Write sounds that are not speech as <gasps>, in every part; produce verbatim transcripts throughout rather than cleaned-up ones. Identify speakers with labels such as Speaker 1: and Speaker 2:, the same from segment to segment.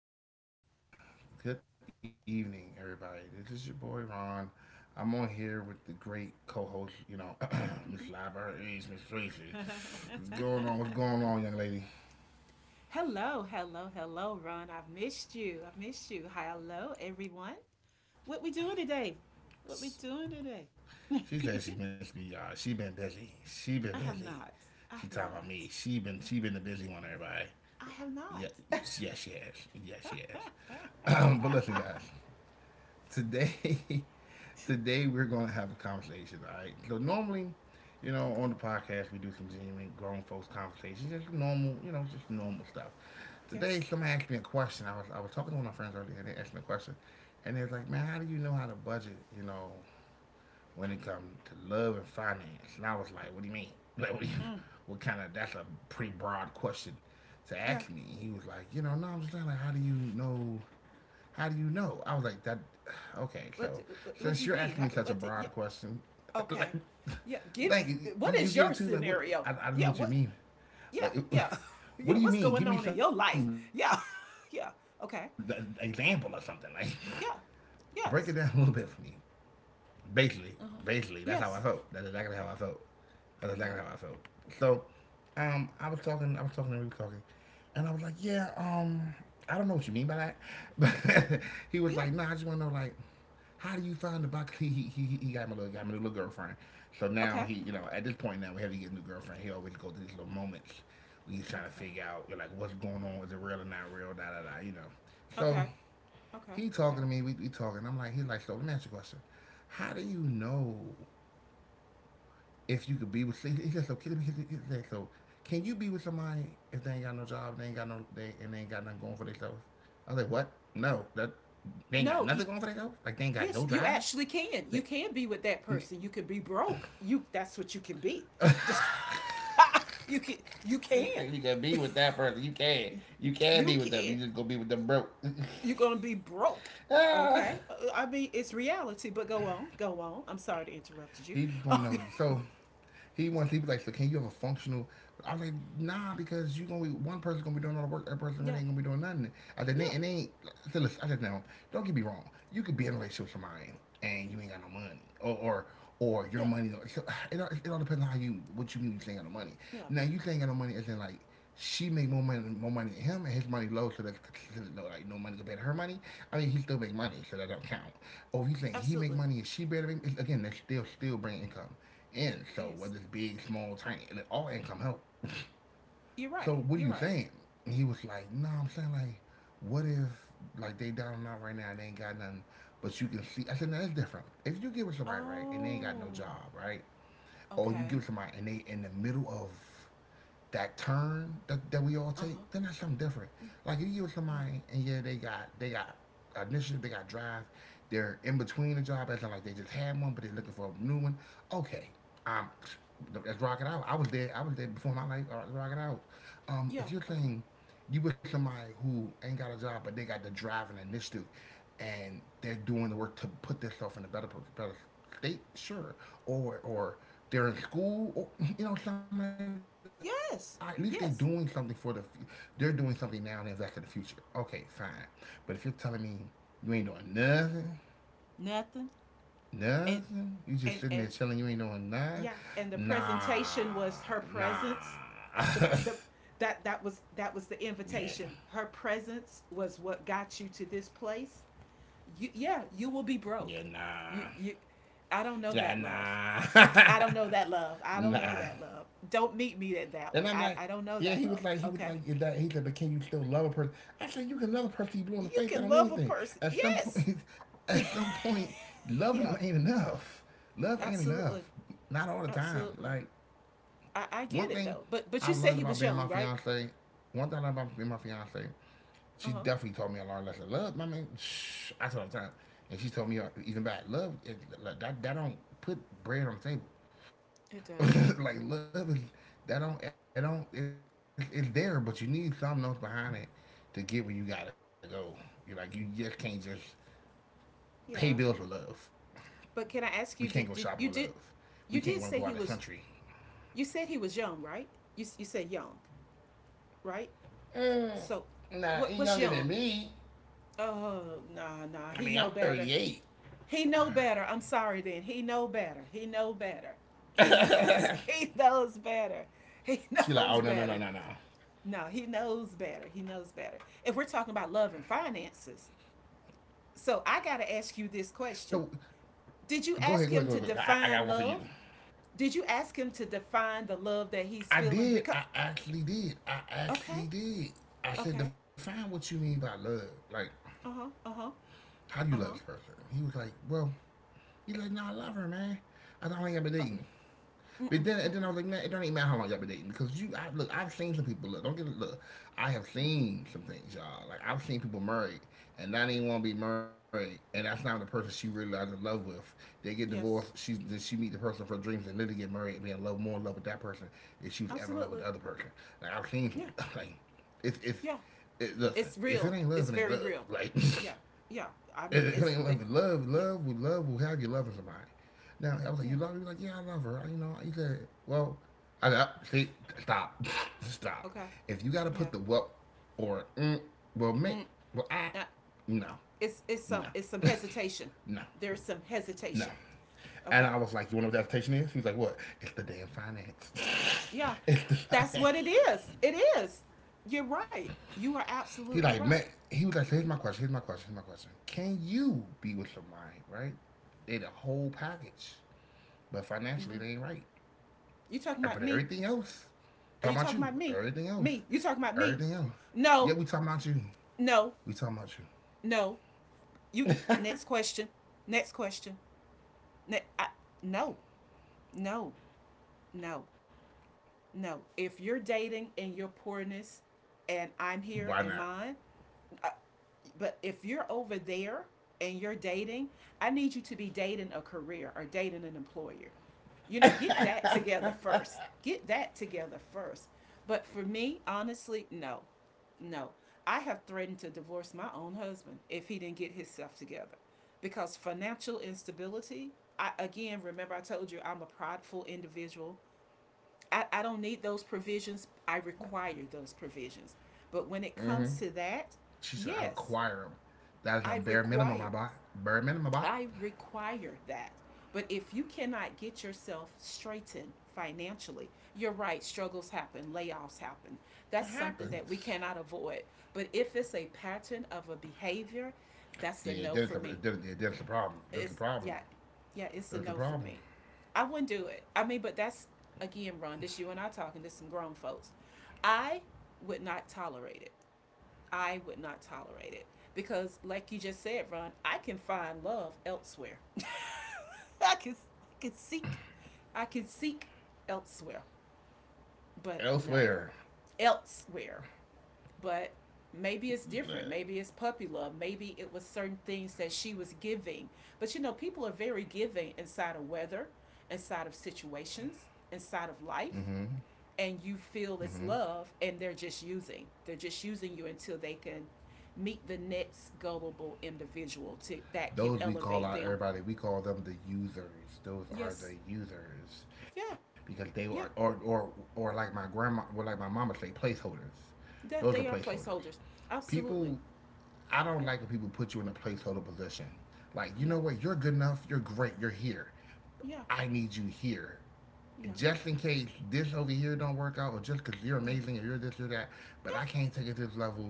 Speaker 1: everybody. Good evening, everybody. This is your boy Ron. I'm on here with the great co-host, you know, <clears throat> Miss
Speaker 2: <laughs>
Speaker 1: Libraries, Miss Tracy. What's going on? What's going on, young lady?
Speaker 2: Hello, hello, hello, Ron. I've missed you. I've missed you. Hello, everyone. What we doing today? What we doing
Speaker 1: She says
Speaker 2: today?
Speaker 1: she missed me, y'all. She been busy. She been busy. She
Speaker 2: <laughs> I
Speaker 1: talking
Speaker 2: have
Speaker 1: about me.
Speaker 2: not.
Speaker 1: She
Speaker 2: I
Speaker 1: been
Speaker 2: have
Speaker 1: she been the busy
Speaker 2: not.
Speaker 1: one, everybody. Yeah,
Speaker 2: I
Speaker 1: yes, she
Speaker 2: have
Speaker 1: has.
Speaker 2: not.
Speaker 1: Yes, she has. <clears throat> But listen, guys. Today <laughs> today we're going to
Speaker 2: <laughs> okay.
Speaker 1: have a conversation. All right. So normally, you know, on the podcast we do some genuine grown folks conversations, just normal, you know, just normal stuff. Today, somebody asked me a
Speaker 2: Yes.
Speaker 1: question. I was I was talking to one of my friends earlier, and they asked me a question, and they was like, "Man, how do you know how to budget? You know, when it comes to love and finance?" And I was like, "What do you mean? <laughs> Like, what, do you,
Speaker 2: Mm.
Speaker 1: what kind of? That's a pretty broad question." To ask me.
Speaker 2: Yeah.
Speaker 1: And he was like, you know, no, I'm just saying, like, how do you know how do you know? I was like, that. Okay, so
Speaker 2: What? What,
Speaker 1: since
Speaker 2: do
Speaker 1: you're
Speaker 2: you mean?
Speaker 1: asking me
Speaker 2: How,
Speaker 1: such a
Speaker 2: what? do- yeah.
Speaker 1: broad question, <laughs> like,
Speaker 2: Okay. Yeah. Give.
Speaker 1: like
Speaker 2: What
Speaker 1: you,
Speaker 2: is
Speaker 1: get it
Speaker 2: your
Speaker 1: too. Like, what?
Speaker 2: scenario?
Speaker 1: I, I don't know
Speaker 2: Yeah.
Speaker 1: what you
Speaker 2: What?
Speaker 1: mean.
Speaker 2: Yeah.
Speaker 1: Like,
Speaker 2: Yeah. <laughs>
Speaker 1: <laughs> what
Speaker 2: Yeah.
Speaker 1: do you
Speaker 2: What's
Speaker 1: mean?
Speaker 2: going
Speaker 1: Give me
Speaker 2: on in
Speaker 1: some
Speaker 2: your
Speaker 1: uh,
Speaker 2: life?
Speaker 1: example
Speaker 2: Yeah.
Speaker 1: or something.
Speaker 2: <laughs>
Speaker 1: Like,
Speaker 2: yeah. Okay.
Speaker 1: <laughs> break it down a little bit for me.
Speaker 2: Yeah. Yes.
Speaker 1: Basically, basically, that's how I felt. That's exactly how I
Speaker 2: Uh huh.
Speaker 1: felt.
Speaker 2: Yes.
Speaker 1: That's exactly how I felt. So,
Speaker 2: Okay.
Speaker 1: um, I was talking, I was talking, and we were talking, and I was like, yeah, um, I don't know what you mean by that. But <laughs> he was like, nah, I just want to know, like
Speaker 2: Yeah.
Speaker 1: how do you find the box? He he he, he got him a little got him a little girlfriend. So now he, you know, at
Speaker 2: Okay.
Speaker 1: this point now whenever he gets a new girlfriend, he always go through these little moments where he's trying to figure out
Speaker 2: Okay.
Speaker 1: like what's going on. Is it real or not real? Da da da. You know. So
Speaker 2: Okay.
Speaker 1: he
Speaker 2: Okay.
Speaker 1: talking to me.
Speaker 2: Okay.
Speaker 1: We, we talking. I'm like, he's like, so let me ask you a question. How do you know if you could be with? He said so. Can, he he said, so can you be with somebody if they ain't got no job, they ain't got no, they and they ain't got nothing going for themselves? I was like, what? No, that they ain't got nothing
Speaker 2: No, you,
Speaker 1: going for themselves. Like they ain't got no
Speaker 2: yes, you
Speaker 1: drive.
Speaker 2: actually can. You can be with that person. You can be broke. You that's what you can be. <laughs> you can you
Speaker 1: Sister,
Speaker 2: can.
Speaker 1: you can be
Speaker 2: <laughs>
Speaker 1: with that person. You can. You can
Speaker 2: you
Speaker 1: be with them. You
Speaker 2: can.
Speaker 1: just go be with them broke.
Speaker 2: You're going to be broke.
Speaker 1: <laughs> Ah.
Speaker 2: Okay? Uh, I mean, it's reality, but go on. Go on. I'm sorry to interrupt you.
Speaker 1: He just want to know.
Speaker 2: Okay. <laughs>
Speaker 1: So he wants. He be like, so can you have a functional? I was like, nah, because you gonna be one person gonna be doing all the work. That person
Speaker 2: Yeah.
Speaker 1: really ain't gonna be doing nothing. I said, "Nah,
Speaker 2: yeah.
Speaker 1: and they ain't. I said, listen, I said, now, don't get me wrong. You could be in a relationship with somebody and you ain't got no money, or or or
Speaker 2: Yeah.
Speaker 1: your money. So it all, it all depends on how you what you mean. You ain't got no money.
Speaker 2: Yeah.
Speaker 1: Now you ain't got no money as in like she make more money more money than him and his money low, so that's considered low like no money compared to her money. I mean, he still make money, so that don't count. Or if you think he
Speaker 2: Absolutely.
Speaker 1: make money and she better make it's- again they still still bring income in.
Speaker 2: It is.
Speaker 1: So whether it's big, small, tiny, and all income help.
Speaker 2: You're right.
Speaker 1: So
Speaker 2: You're
Speaker 1: what are
Speaker 2: right.
Speaker 1: you saying? And he was like, no, I'm saying like, what if like they down and out right now and they ain't got nothing but you can see. I said, no, that's different. If you give it somebody right and they
Speaker 2: Oh,
Speaker 1: ain't got no job, right,
Speaker 2: okay.
Speaker 1: or you give it somebody and they in the middle of that turn, that, that
Speaker 2: Uh
Speaker 1: we all
Speaker 2: huh.
Speaker 1: take, then that's something
Speaker 2: Yeah,
Speaker 1: different. Like you give
Speaker 2: yeah,
Speaker 1: somebody and yeah, they got they got initiative, they got drive, they're in between a job, as in like they just had one, but they're looking for a new one. Okay. Um let's rock it out. I was there I was there before my life, all right, let's rock it out.
Speaker 2: yeah. Okay.
Speaker 1: Um if you're saying you with somebody who ain't got a job, but they got the drive and initiative, and they're doing the work to put themselves in a better better state, sure. Or or they're in school, or <laughs> you know something. Like that. At least they're
Speaker 2: Yes,
Speaker 1: doing something for the.
Speaker 2: yes.
Speaker 1: They're doing something now and invest in the future. Okay, fine. But if you're telling me you ain't doing nothing,
Speaker 2: Nothing.
Speaker 1: nothing, you
Speaker 2: And
Speaker 1: just sitting there chilling,
Speaker 2: and
Speaker 1: you ain't
Speaker 2: and
Speaker 1: doing nothing.
Speaker 2: yeah. And
Speaker 1: Nah,
Speaker 2: the presentation was her
Speaker 1: nah.
Speaker 2: presence.
Speaker 1: <laughs>
Speaker 2: The the that that was that was the
Speaker 1: Yeah,
Speaker 2: invitation. Her presence was what got you to this place. You yeah. You will be
Speaker 1: yeah,
Speaker 2: broke.
Speaker 1: nah.
Speaker 2: You you. I don't know
Speaker 1: Yeah,
Speaker 2: that love.
Speaker 1: nah,
Speaker 2: I don't know that love. I
Speaker 1: <laughs>
Speaker 2: don't know
Speaker 1: nah.
Speaker 2: that love. Don't meet me at that
Speaker 1: And
Speaker 2: one.
Speaker 1: I'm
Speaker 2: I,
Speaker 1: like,
Speaker 2: I don't know
Speaker 1: yeah,
Speaker 2: that
Speaker 1: he was
Speaker 2: love.
Speaker 1: like, he was
Speaker 2: Okay.
Speaker 1: like, that, he said, but can you still love a person? I said, you can love a person you blew in the
Speaker 2: you
Speaker 1: face. That
Speaker 2: can
Speaker 1: don't
Speaker 2: love
Speaker 1: mean
Speaker 2: a
Speaker 1: anything.
Speaker 2: person.
Speaker 1: At some
Speaker 2: Yes.
Speaker 1: point,
Speaker 2: <laughs>
Speaker 1: <laughs> at some point,
Speaker 2: yeah,
Speaker 1: loving them ain't enough. Love ain't
Speaker 2: absolutely.
Speaker 1: enough. Not all the
Speaker 2: Absolutely.
Speaker 1: time. Like,
Speaker 2: I, I get it though.
Speaker 1: one
Speaker 2: But
Speaker 1: thing
Speaker 2: but you said he was
Speaker 1: I've learned
Speaker 2: young,
Speaker 1: about
Speaker 2: right?
Speaker 1: being my fiance, one thing I learned about being my fiance,
Speaker 2: Uh-huh.
Speaker 1: she definitely told me a lot lesson. Love, I mean, shh, I tell her all the time, and she told me uh, even back, love, it, like, that that don't put bread on the table.
Speaker 2: It doesn't.
Speaker 1: <laughs> Like love is that don't it don't it's, it's there, but you need something else behind it to get where you gotta go. You are like you just can't just pay bills with love.
Speaker 2: Yeah.
Speaker 1: We can't go
Speaker 2: But can
Speaker 1: shopping
Speaker 2: I
Speaker 1: with
Speaker 2: ask you
Speaker 1: love.
Speaker 2: did, did you
Speaker 1: We
Speaker 2: did
Speaker 1: can't want to go out of the
Speaker 2: you did
Speaker 1: country.
Speaker 2: say he was you said he was young, right? You you said young, right?
Speaker 1: Mm,
Speaker 2: So
Speaker 1: nah, he's
Speaker 2: what
Speaker 1: younger than
Speaker 2: what's young?
Speaker 1: me.
Speaker 2: Oh, nah,
Speaker 1: I mean,
Speaker 2: nah.
Speaker 1: I'm
Speaker 2: He know better.
Speaker 1: thirty-eight.
Speaker 2: He know better. I'm sorry then. He know better. He know better. He <laughs> knows he knows better. He
Speaker 1: She like,
Speaker 2: knows
Speaker 1: oh no no no
Speaker 2: better.
Speaker 1: no no.
Speaker 2: No, he knows better. He knows better. If we're talking about love and finances, so I got to ask you this question.
Speaker 1: So
Speaker 2: Did you
Speaker 1: go ahead,
Speaker 2: ask
Speaker 1: go
Speaker 2: him
Speaker 1: ahead, go
Speaker 2: to
Speaker 1: ahead. Go ahead. I, I got
Speaker 2: define
Speaker 1: one for you.
Speaker 2: love? Did you ask him to define the love that he's
Speaker 1: I
Speaker 2: feeling?
Speaker 1: did.
Speaker 2: Because,
Speaker 1: I actually did. I
Speaker 2: okay,
Speaker 1: actually did. I said,
Speaker 2: okay,
Speaker 1: define what you mean by love. Like,
Speaker 2: uh huh, uh huh,
Speaker 1: how do you love this
Speaker 2: uh huh,
Speaker 1: person? He was like, well, he's like, no, I love her, man. I don't ain't ever
Speaker 2: uh,
Speaker 1: dating.
Speaker 2: mm, mm,
Speaker 1: But
Speaker 2: mm,
Speaker 1: then, and
Speaker 2: mm,
Speaker 1: then I was like, man, it don't even matter how long y'all been dating because you, I, look, I've seen some people. Look, don't get it. Look, I have
Speaker 2: yeah,
Speaker 1: seen some things, y'all. Like I've seen people married and not even want to be married, and that's not the person she really is in love with. They get divorced.
Speaker 2: yes,
Speaker 1: She then she meet the person for dreams and literally get married and be in love, more in love with that person than she was ever in love with
Speaker 2: absolutely,
Speaker 1: the other person. Like I've seen,
Speaker 2: yeah,
Speaker 1: <laughs> like, it's it's.
Speaker 2: yeah.
Speaker 1: it, listen,
Speaker 2: It's
Speaker 1: if it
Speaker 2: real.
Speaker 1: ain't love,
Speaker 2: It's
Speaker 1: it ain't
Speaker 2: very
Speaker 1: love.
Speaker 2: real.
Speaker 1: Like. <laughs>
Speaker 2: Yeah, yeah. I mean,
Speaker 1: It
Speaker 2: it's
Speaker 1: ain't
Speaker 2: the,
Speaker 1: love, love,
Speaker 2: yeah,
Speaker 1: love, we love, we have you loving somebody. Now I was like,
Speaker 2: yeah,
Speaker 1: you love her? He was like, yeah, I love her. I, you know, he said, well, I, I see, stop, <laughs> stop.
Speaker 2: okay,
Speaker 1: If you got to
Speaker 2: yeah.
Speaker 1: put the well or mm, well, me,
Speaker 2: Mm,
Speaker 1: well, I,
Speaker 2: uh,
Speaker 1: no,
Speaker 2: it's it's some
Speaker 1: no,
Speaker 2: it's some
Speaker 1: <laughs>
Speaker 2: hesitation.
Speaker 1: no,
Speaker 2: There's some
Speaker 1: no.
Speaker 2: hesitation.
Speaker 1: And
Speaker 2: Okay.
Speaker 1: I was like, you want to know what the adaptation is? He was like, what? It's the damn finance.
Speaker 2: Yeah.
Speaker 1: <laughs> It's the
Speaker 2: That's
Speaker 1: finance.
Speaker 2: what it is. It is. You're right. You are
Speaker 1: He
Speaker 2: absolutely
Speaker 1: like,
Speaker 2: right.
Speaker 1: man. He was like, so here's my question. Here's my question. Here's my question. Can you be with somebody right? They the whole package, but
Speaker 2: Mm-hmm.
Speaker 1: financially they ain't right.
Speaker 2: You talking about me?
Speaker 1: But everything
Speaker 2: Are
Speaker 1: else,
Speaker 2: you talking about me?
Speaker 1: talking about you.
Speaker 2: Me? You talking
Speaker 1: Everything
Speaker 2: about
Speaker 1: else,
Speaker 2: me? No.
Speaker 1: everything else. Yeah, we
Speaker 2: No.
Speaker 1: talking about you.
Speaker 2: No.
Speaker 1: We talking about you.
Speaker 2: You. Next question. Next question. Ne- I, no. No. No. No. If you're dating in your
Speaker 1: Why not?
Speaker 2: poorness, and I'm here in mine, but if you're over there and you're dating, I need you to be dating a career or dating an employer. You know, get that together first. Get that together first. But for me, honestly, no. No. I have threatened to divorce my own husband if he didn't get himself together. Because financial instability, I again remember I told you I'm a prideful individual. I, I don't need those provisions. I require those provisions. But when it comes to that, yes,
Speaker 1: She said,
Speaker 2: I
Speaker 1: I require
Speaker 2: require,
Speaker 1: them. That is a bare
Speaker 2: I
Speaker 1: minimum, I bought.
Speaker 2: require
Speaker 1: Bare
Speaker 2: that.
Speaker 1: minimum, I bought.
Speaker 2: But if you cannot get yourself straightened financially, you're right, struggles happen, layoffs happen. That's something that we cannot avoid.
Speaker 1: It
Speaker 2: But if it's a
Speaker 1: happens.
Speaker 2: pattern of a behavior, that's a no for me.
Speaker 1: Yeah,
Speaker 2: It's
Speaker 1: that's it's
Speaker 2: yeah,
Speaker 1: a, then, yeah,
Speaker 2: yeah,
Speaker 1: a
Speaker 2: it's a
Speaker 1: problem.
Speaker 2: no
Speaker 1: That's
Speaker 2: for
Speaker 1: the
Speaker 2: me.
Speaker 1: problem.
Speaker 2: I wouldn't do it.
Speaker 1: That's the
Speaker 2: I
Speaker 1: problem.
Speaker 2: mean, but that's again, Ron, this you and I talking to some grown folks. I would not tolerate it. I would not tolerate it because, like you just said, Ron, I can find love elsewhere. <laughs> I can I can seek, I can seek elsewhere. But no,
Speaker 1: Elsewhere.
Speaker 2: elsewhere. But maybe it's different. Maybe it's puppy love. Maybe it was certain things that she was giving. But you know, people are very giving inside of weather, inside of situations, inside of life
Speaker 1: Mm-hmm.
Speaker 2: and you feel it's love
Speaker 1: Mm-hmm.
Speaker 2: and they're just using they're just using you until they can meet the next gullible individual to that can
Speaker 1: Those
Speaker 2: elevate
Speaker 1: we
Speaker 2: them,
Speaker 1: call out everybody. We call them the users. Those
Speaker 2: yes,
Speaker 1: are the users
Speaker 2: yeah,
Speaker 1: because they are
Speaker 2: yeah,
Speaker 1: or or or like my grandma, or like my mama say, placeholders. Those are
Speaker 2: that they are
Speaker 1: placeholders.
Speaker 2: placeholders,
Speaker 1: People,
Speaker 2: absolutely,
Speaker 1: I don't like when
Speaker 2: yeah,
Speaker 1: people put you in a placeholder position. Like you know what,
Speaker 2: yeah,
Speaker 1: you're good enough. You're great. You're here.
Speaker 2: yeah,
Speaker 1: I need you here.
Speaker 2: yeah,
Speaker 1: Just in case this over here don't work out, or just because you're
Speaker 2: yeah,
Speaker 1: amazing or you're this or that, but I
Speaker 2: yeah,
Speaker 1: can't take it to this level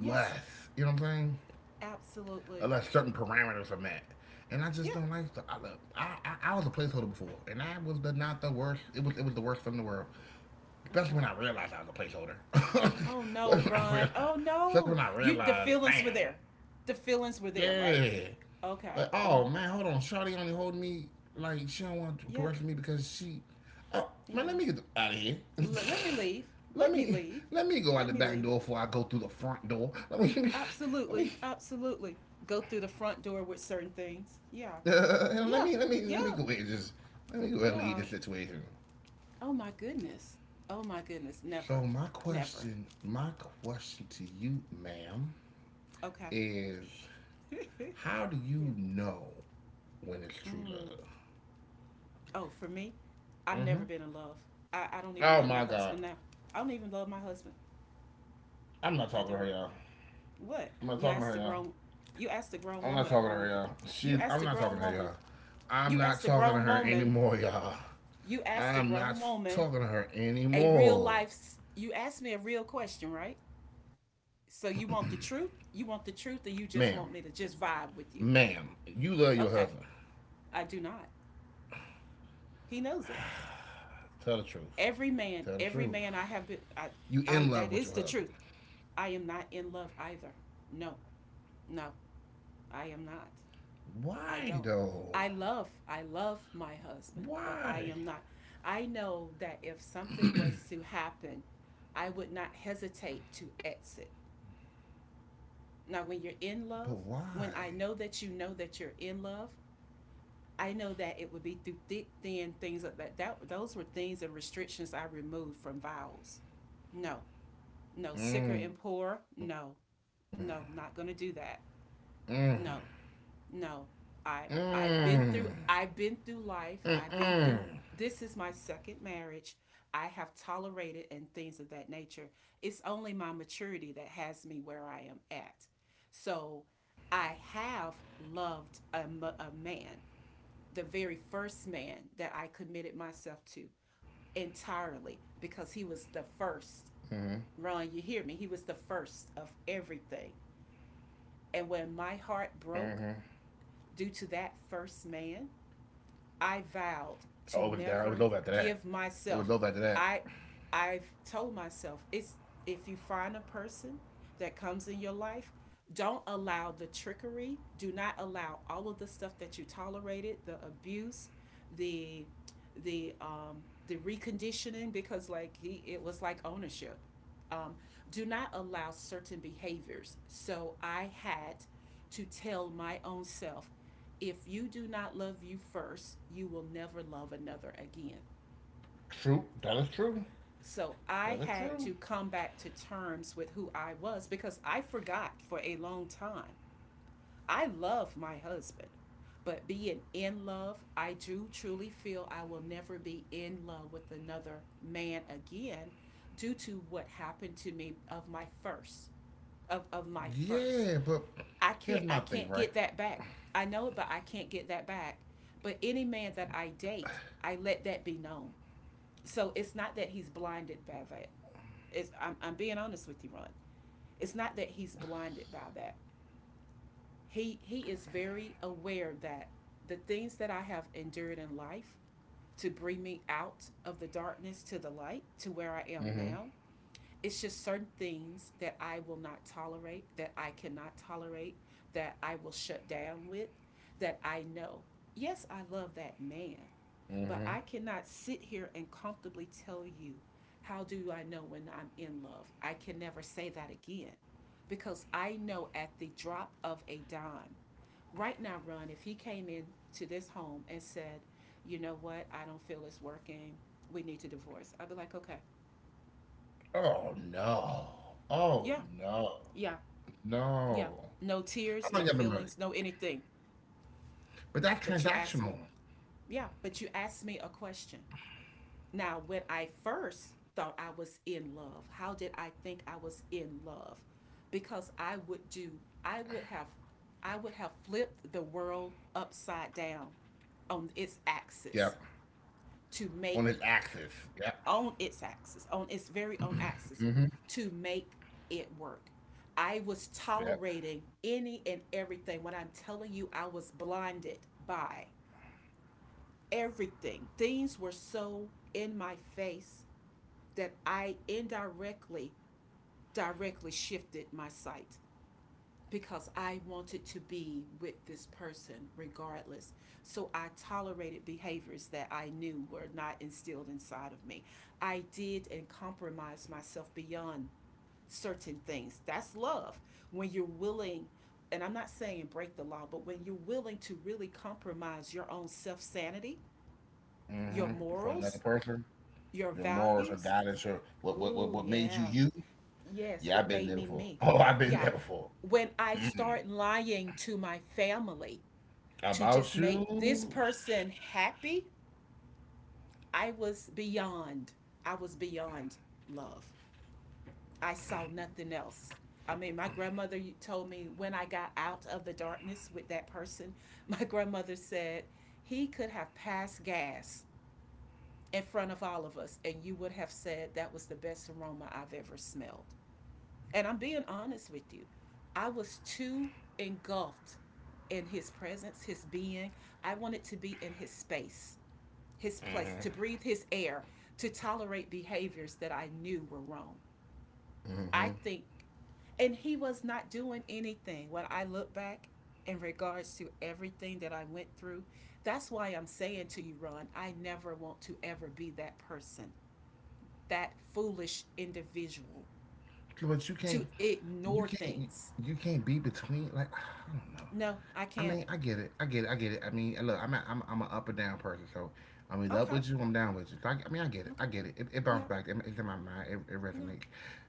Speaker 2: yes,
Speaker 1: you know what I'm saying,
Speaker 2: absolutely,
Speaker 1: unless certain parameters are met. And I just
Speaker 2: yeah.
Speaker 1: don't like. Stuff. I love. I, I I was a placeholder before, and I was the, not the worst. It was it was the worst film in the world, especially when
Speaker 2: Okay.
Speaker 1: I realized I was a placeholder.
Speaker 2: Oh
Speaker 1: <laughs> When
Speaker 2: no,
Speaker 1: I
Speaker 2: Ron,
Speaker 1: realized,
Speaker 2: oh
Speaker 1: especially when
Speaker 2: no,
Speaker 1: I
Speaker 2: you, the
Speaker 1: realized,
Speaker 2: feelings were
Speaker 1: damn,
Speaker 2: there, the feelings were there, right,
Speaker 1: yeah, like
Speaker 2: okay, oh,
Speaker 1: oh man, hold on, Shawty only holding me like she don't want to
Speaker 2: yeah,
Speaker 1: progress with me because she, oh man,
Speaker 2: yeah,
Speaker 1: let me get out of here.
Speaker 2: let, let me leave.
Speaker 1: <laughs> Let
Speaker 2: Let me
Speaker 1: me
Speaker 2: leave.
Speaker 1: let me go out
Speaker 2: Let
Speaker 1: the
Speaker 2: me
Speaker 1: back
Speaker 2: leave.
Speaker 1: door before I go through the front door. Let me <laughs> let
Speaker 2: Absolutely.
Speaker 1: me
Speaker 2: Absolutely. Go through the front door with certain things. Yeah.
Speaker 1: <laughs> Uh, let
Speaker 2: Yeah.
Speaker 1: me let me
Speaker 2: Yeah.
Speaker 1: let me go ahead and just let me go ahead and lead
Speaker 2: Yeah.
Speaker 1: the situation.
Speaker 2: Oh my goodness. Oh my goodness. Never.
Speaker 1: So my
Speaker 2: Never.
Speaker 1: question, my question to you, ma'am,
Speaker 2: Okay.
Speaker 1: is how do
Speaker 2: <laughs> yeah.
Speaker 1: you know when it's true
Speaker 2: Mm.
Speaker 1: love?
Speaker 2: Oh, for me, I've never
Speaker 1: Hmm.
Speaker 2: been in love. I, I don't even
Speaker 1: Oh
Speaker 2: love my
Speaker 1: my God,
Speaker 2: husband now. I don't even love my husband.
Speaker 1: I'm not talking to her,
Speaker 2: I don't.
Speaker 1: y'all. I'm
Speaker 2: What?
Speaker 1: not talking
Speaker 2: You
Speaker 1: to her,
Speaker 2: asked a
Speaker 1: y'all.
Speaker 2: grown you asked a
Speaker 1: I'm
Speaker 2: grown
Speaker 1: not
Speaker 2: woman a
Speaker 1: talking to her,
Speaker 2: grown
Speaker 1: y'all. She,
Speaker 2: you
Speaker 1: I'm
Speaker 2: asked a
Speaker 1: not talking to
Speaker 2: grown
Speaker 1: her,
Speaker 2: woman.
Speaker 1: y'all. I'm
Speaker 2: You
Speaker 1: not
Speaker 2: asked a
Speaker 1: talking to
Speaker 2: grown
Speaker 1: her
Speaker 2: woman
Speaker 1: anymore, y'all.
Speaker 2: you asked a
Speaker 1: I'm not
Speaker 2: grown
Speaker 1: talking to
Speaker 2: woman
Speaker 1: her
Speaker 2: a
Speaker 1: anymore,
Speaker 2: real life you asked me a real question, right? So you want the
Speaker 1: ma'am.
Speaker 2: truth, you want the truth, or you just
Speaker 1: Ma'am,
Speaker 2: want me to
Speaker 1: you
Speaker 2: just
Speaker 1: love your
Speaker 2: vibe with
Speaker 1: husband.
Speaker 2: you? Okay, I do not, he
Speaker 1: Tell the
Speaker 2: knows it.
Speaker 1: truth. Tell the truth.
Speaker 2: Every man every
Speaker 1: You
Speaker 2: man I
Speaker 1: in
Speaker 2: have
Speaker 1: love
Speaker 2: been,
Speaker 1: with your
Speaker 2: i
Speaker 1: husband.
Speaker 2: i that is the truth. I am not in love either. No, no, I am not.
Speaker 1: Why
Speaker 2: I
Speaker 1: though?
Speaker 2: don't, i love I love my husband,
Speaker 1: Why?
Speaker 2: but I am not. I know that if something was to happen, I would not hesitate to exit. Now, when you're
Speaker 1: But
Speaker 2: in love,
Speaker 1: why?
Speaker 2: when I know that you know that you're in love, I know that it would be through thick, thin, things like that. That those were things and restrictions I removed from vows. No, no, sicker and poor. No, no, not gonna do that. No, no,
Speaker 1: Mmm.
Speaker 2: i i've been through I've been through
Speaker 1: Mm-mm.
Speaker 2: life, I've been through, this is my second marriage. I have tolerated and things of that nature. It's only my maturity that has me where I am at. So I have loved a, a man, the very first man that I committed myself to entirely
Speaker 1: Mm-hmm.
Speaker 2: because he was the first. Ron, you hear me, he was the first of everything. And when my
Speaker 1: Mm-hmm.
Speaker 2: heart broke due to that first man, I vowed
Speaker 1: Oh, it was
Speaker 2: to
Speaker 1: down. It was over after
Speaker 2: never
Speaker 1: that.
Speaker 2: give
Speaker 1: It was over
Speaker 2: myself.
Speaker 1: after that.
Speaker 2: I I've told myself it's if you find a person that comes in your life, don't allow the trickery, do not allow all of the stuff that you tolerated, the abuse, the the um the reconditioning because like he it was like ownership. Um, do not allow certain behaviors. So I had to tell my own self, if you do not love you first, you will never love another again.
Speaker 1: True. That is true.
Speaker 2: So
Speaker 1: That
Speaker 2: I
Speaker 1: is
Speaker 2: had
Speaker 1: true.
Speaker 2: to come back to terms with who I was because I forgot for a long time. I love my husband, but being in love, I do truly feel I will never be in love with another man again due to what happened to me of my first of, of my first.
Speaker 1: Yeah, but
Speaker 2: I can't
Speaker 1: here's
Speaker 2: I
Speaker 1: my
Speaker 2: can't
Speaker 1: thing,
Speaker 2: get
Speaker 1: right?
Speaker 2: that back. I know it, but I can't get that back. But any man that I date, I let that be known. So it's not that he's blinded by that. It's I'm, I'm being honest with you, Ron. It's not that he's blinded by that. He he is very aware that the things that I have endured in life to bring me out of the darkness to the light to where I am
Speaker 1: Mm-hmm.
Speaker 2: now, it's just certain things that I will not tolerate, that I cannot tolerate, that I will shut down with, that I know. Yes, I love that man, but I
Speaker 1: Mm-hmm.
Speaker 2: cannot sit here and comfortably tell you, how do I know when I'm in love? I can never say that again because I know at the drop of a dime. Right now, Ron, if he came in to this home and said, you know what, I don't feel it's working, we need to divorce, I'd be like, okay,
Speaker 1: Oh no. Oh
Speaker 2: yeah,
Speaker 1: no.
Speaker 2: yeah, yeah.
Speaker 1: No.
Speaker 2: No
Speaker 1: How
Speaker 2: tears, no
Speaker 1: long y'all been married?
Speaker 2: feelings, no anything.
Speaker 1: But that's
Speaker 2: But you asked me,
Speaker 1: transactional.
Speaker 2: yeah, but you asked me a question. Now, when I first thought I was in love, how did I think I was in love? Because I would do, I would have, I would have flipped the world upside down on its
Speaker 1: Yep.
Speaker 2: axis to
Speaker 1: On his
Speaker 2: make
Speaker 1: axis. Yep.
Speaker 2: on its axis, on its very own
Speaker 1: Mm-hmm.
Speaker 2: axis, to make it work. I was
Speaker 1: Yep.
Speaker 2: tolerating any and everything. When I'm telling you, I was blinded by everything. Things were so in my face that I indirectly, directly shifted my sight because I wanted to be with this person regardless. So I tolerated behaviors that I knew were not instilled inside of me. I did and compromised myself beyond certain things. That's love. When you're willing, and I'm not saying break the law, but when you're willing to really compromise your own self sanity, your
Speaker 1: Mm-hmm. For another
Speaker 2: morals,
Speaker 1: person,
Speaker 2: your
Speaker 1: your morals or
Speaker 2: values,
Speaker 1: guidance or what what what
Speaker 2: oh,
Speaker 1: what made you
Speaker 2: yeah,
Speaker 1: you?
Speaker 2: yes,
Speaker 1: Yeah, I've
Speaker 2: what
Speaker 1: been
Speaker 2: made
Speaker 1: there
Speaker 2: me
Speaker 1: before. <laughs>
Speaker 2: me.
Speaker 1: Oh, I've been
Speaker 2: Yeah.
Speaker 1: there before.
Speaker 2: When I start lying to my family to just
Speaker 1: About
Speaker 2: make this
Speaker 1: you?
Speaker 2: person happy, I was beyond, I was beyond love. I saw nothing else. I mean, my grandmother told me when I got out of the darkness with that person, <laughs> my grandmother said, he could have passed gas in front of all of us, and you would have said that was the best aroma I've ever smelled. And I'm being honest with you. I was too engulfed in his presence, his being. I wanted to be in his space, his place, to breathe
Speaker 1: Mm-hmm.
Speaker 2: his air, to tolerate behaviors that I knew were wrong. I
Speaker 1: Mm-hmm.
Speaker 2: think, and he was not doing anything when I look back in regards to everything that I went through. That's why I'm saying to you, Ron, I never want to ever be that person, that foolish individual
Speaker 1: But
Speaker 2: to
Speaker 1: you can't,
Speaker 2: ignore
Speaker 1: you
Speaker 2: things.
Speaker 1: can't, you can't be between. Like <sighs> I don't
Speaker 2: No,
Speaker 1: know.
Speaker 2: I can't.
Speaker 1: I mean, I get it. I get it. I get it. I mean, look, I'm a, I'm I'm an up or down person, so
Speaker 2: Okay.
Speaker 1: I'm either up with you, I'm down with you. So I, I mean, I
Speaker 2: Okay,
Speaker 1: get it. I get it. It,
Speaker 2: yeah.
Speaker 1: it bounced back. It, it's in my mind. It,
Speaker 2: No.
Speaker 1: it resonates.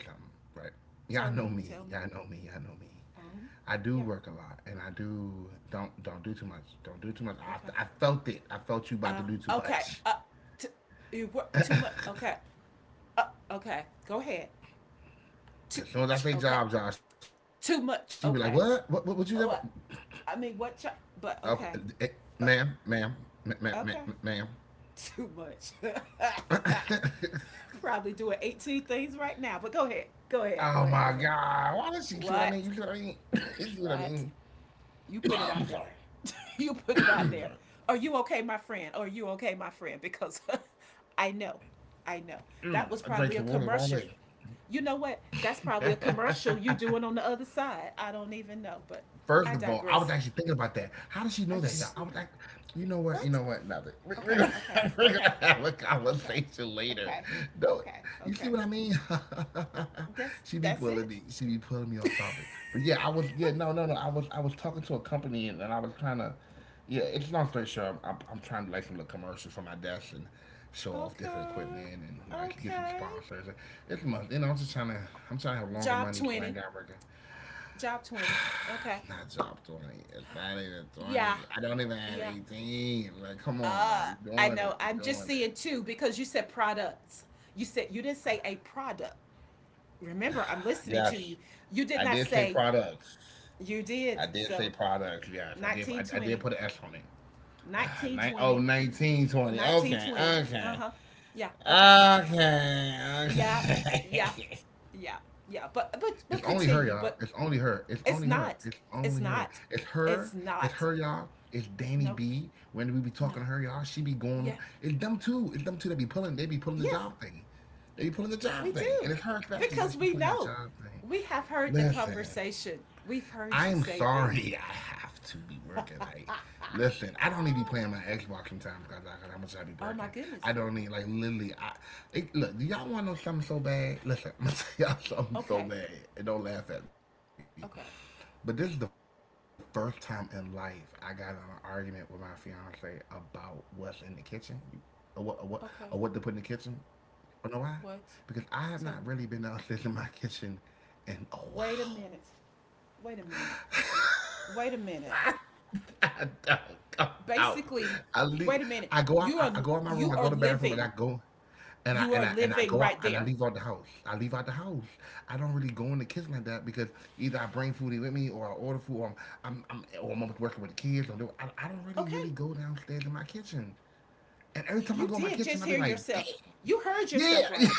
Speaker 1: See, let me tell you something, right?
Speaker 2: Tell me.
Speaker 1: Y'all
Speaker 2: Tell
Speaker 1: know
Speaker 2: me.
Speaker 1: me. Y'all know me. Y'all know me.
Speaker 2: Um. Yeah.
Speaker 1: I do work a lot, and I do don't don't do too much. Don't do too
Speaker 2: Okay.
Speaker 1: much. I, I felt it. I
Speaker 2: Uh.
Speaker 1: felt you about to do
Speaker 2: Okay.
Speaker 1: too
Speaker 2: Uh.
Speaker 1: much.
Speaker 2: T- you work too
Speaker 1: <laughs>
Speaker 2: much. Okay. Uh. Okay. Go ahead. Too
Speaker 1: As
Speaker 2: much.
Speaker 1: soon as I
Speaker 2: Okay.
Speaker 1: say job, job, she be like,
Speaker 2: Too
Speaker 1: "What? What?
Speaker 2: much.
Speaker 1: What, what you
Speaker 2: Okay.
Speaker 1: never?
Speaker 2: Oh. I, I mean, what? Ch-
Speaker 1: Okay,
Speaker 2: but okay.
Speaker 1: ma'am, ma'am,
Speaker 2: Uh,
Speaker 1: ma'am, ma- ma- <laughs> ma'am.
Speaker 2: okay. Too much. <laughs> Probably doing eighteen things right now. But go ahead. Go
Speaker 1: Oh
Speaker 2: ahead.
Speaker 1: my
Speaker 2: Go ahead. Go ahead.
Speaker 1: God! Why does she see what I mean? You see what I
Speaker 2: What?
Speaker 1: mean? <laughs> You see what I mean?
Speaker 2: What? You put it
Speaker 1: I'm
Speaker 2: out
Speaker 1: sorry.
Speaker 2: there. <laughs> You put it out
Speaker 1: I'm sorry.
Speaker 2: there. Are you okay, my friend? Are you okay, my friend? Because <laughs> I know. I know. That
Speaker 1: Mm,
Speaker 2: was
Speaker 1: I
Speaker 2: probably a
Speaker 1: drank the water the wrong
Speaker 2: commercial.
Speaker 1: way.
Speaker 2: You know what? That's probably a
Speaker 1: I,
Speaker 2: commercial you
Speaker 1: I,
Speaker 2: doing on the other side. I don't even know, but
Speaker 1: First
Speaker 2: I
Speaker 1: of all, I was
Speaker 2: digress.
Speaker 1: actually thinking about that. How does she
Speaker 2: Are
Speaker 1: know
Speaker 2: you
Speaker 1: that? You I was
Speaker 2: serious?
Speaker 1: like, you know what? You
Speaker 2: What?
Speaker 1: know what? Nothing. We, we're
Speaker 2: Okay,
Speaker 1: gonna <laughs>
Speaker 2: okay,
Speaker 1: have, we're
Speaker 2: okay,
Speaker 1: gonna have a
Speaker 2: okay,
Speaker 1: conversation later.
Speaker 2: okay,
Speaker 1: No,
Speaker 2: okay,
Speaker 1: you see
Speaker 2: okay.
Speaker 1: what I mean? <laughs>
Speaker 2: That's
Speaker 1: She be
Speaker 2: that's
Speaker 1: pulling
Speaker 2: it.
Speaker 1: me. She be pulling me off topic. But yeah, I was yeah no no no. I
Speaker 2: <laughs>
Speaker 1: was I was talking to a company and, and I was trying to yeah. It's long story short. I'm, I'm, I'm trying to like some little commercials for my desk and show off different
Speaker 2: Okay,
Speaker 1: equipment and like get some
Speaker 2: okay.
Speaker 1: sponsors. It's a month. You know, I'm just trying to I'm trying to have longer
Speaker 2: Job
Speaker 1: money so I
Speaker 2: twenty.
Speaker 1: ain't got working.
Speaker 2: Job twenty. Okay.
Speaker 1: <sighs> Not job twenty. It's not even
Speaker 2: Yeah.
Speaker 1: twenty. I don't even have
Speaker 2: Yeah.
Speaker 1: eighteen. Like, come on,
Speaker 2: Uh,
Speaker 1: man. You're
Speaker 2: I
Speaker 1: doing
Speaker 2: know.
Speaker 1: it.
Speaker 2: I'm
Speaker 1: You're
Speaker 2: just
Speaker 1: doing it.
Speaker 2: seeing two because you said products. You said you didn't say a product. Remember, I'm listening to
Speaker 1: Yes.
Speaker 2: you. You did
Speaker 1: I
Speaker 2: not
Speaker 1: did say
Speaker 2: say
Speaker 1: products.
Speaker 2: you
Speaker 1: I
Speaker 2: did.
Speaker 1: did say
Speaker 2: So
Speaker 1: products. Yes. I did I, I did
Speaker 2: nineteen twenty,
Speaker 1: put an S on it. <sighs> Uh, nine, oh,
Speaker 2: nineteen twenty,
Speaker 1: nineteen, twenty. Okay.
Speaker 2: nineteen twenty.
Speaker 1: Okay.
Speaker 2: Uh-huh. Yeah. Okay.
Speaker 1: Okay.
Speaker 2: Yeah. Yeah.
Speaker 1: Okay. <laughs>
Speaker 2: Yeah. Yeah. But but
Speaker 1: It's
Speaker 2: but
Speaker 1: only her,
Speaker 2: continue.
Speaker 1: y'all.
Speaker 2: But
Speaker 1: It's only her. It's
Speaker 2: it's
Speaker 1: only her.
Speaker 2: not.
Speaker 1: It's
Speaker 2: It's
Speaker 1: only her.
Speaker 2: not.
Speaker 1: It's her.
Speaker 2: It's
Speaker 1: It's
Speaker 2: not.
Speaker 1: her, y'all. It's Danny
Speaker 2: Nope.
Speaker 1: B. When we be
Speaker 2: No.
Speaker 1: talking to her, y'all, she be going
Speaker 2: Yeah.
Speaker 1: on. It's them two. It's them two that be pulling. They be pulling the
Speaker 2: Yes.
Speaker 1: job thing. They be pulling the
Speaker 2: We
Speaker 1: job thing,
Speaker 2: do.
Speaker 1: and it's her especially. Y'all,
Speaker 2: Because
Speaker 1: she be
Speaker 2: we
Speaker 1: pulling that
Speaker 2: know.
Speaker 1: job thing.
Speaker 2: We have heard the
Speaker 1: Listen,
Speaker 2: conversation. We've heard you
Speaker 1: I'm
Speaker 2: say things.
Speaker 1: sorry. <laughs> I have to be
Speaker 2: <laughs>
Speaker 1: working.
Speaker 2: Oh
Speaker 1: Like, listen, I don't need to be playing my Xbox sometimes because how much I be
Speaker 2: my
Speaker 1: working.
Speaker 2: goodness.
Speaker 1: I don't need like literally. I it, look. Do y'all want to know something so bad? Listen, <laughs> I'm gonna tell y'all something so
Speaker 2: Okay.
Speaker 1: bad, and don't laugh at me.
Speaker 2: Okay.
Speaker 1: But this is the first time in life I got in an argument with my fiance about what's in the kitchen, or what, or what, or what to put in the
Speaker 2: Okay.
Speaker 1: kitchen. You know why? Because I
Speaker 2: What?
Speaker 1: have not really
Speaker 2: Tell
Speaker 1: been
Speaker 2: me.
Speaker 1: downstairs in my <laughs> kitchen in a
Speaker 2: Wait a
Speaker 1: while.
Speaker 2: minute. Wait a minute. Wait a minute.
Speaker 1: <laughs> Out.
Speaker 2: Basically,
Speaker 1: I leave.
Speaker 2: wait a minute.
Speaker 1: I go up.
Speaker 2: You
Speaker 1: I,
Speaker 2: are
Speaker 1: I go out my room.
Speaker 2: you
Speaker 1: I
Speaker 2: are
Speaker 1: go to the bathroom, and
Speaker 2: living.
Speaker 1: I go, and I
Speaker 2: You are
Speaker 1: and I and I
Speaker 2: living
Speaker 1: go out
Speaker 2: right
Speaker 1: and I
Speaker 2: there.
Speaker 1: leave out the house. I leave out the house. I don't really go in the kitchen like that because either I bring food in with me, or I order food, or I'm I'm, I'm or I'm working with the kids. Or do- I, I don't really really
Speaker 2: Okay.
Speaker 1: go downstairs in my kitchen. And every time I
Speaker 2: You
Speaker 1: go in my
Speaker 2: did
Speaker 1: kitchen,
Speaker 2: just
Speaker 1: I be
Speaker 2: hear
Speaker 1: like, dang,
Speaker 2: yourself. You heard
Speaker 1: yeah,
Speaker 2: yourself
Speaker 1: <laughs>
Speaker 2: right.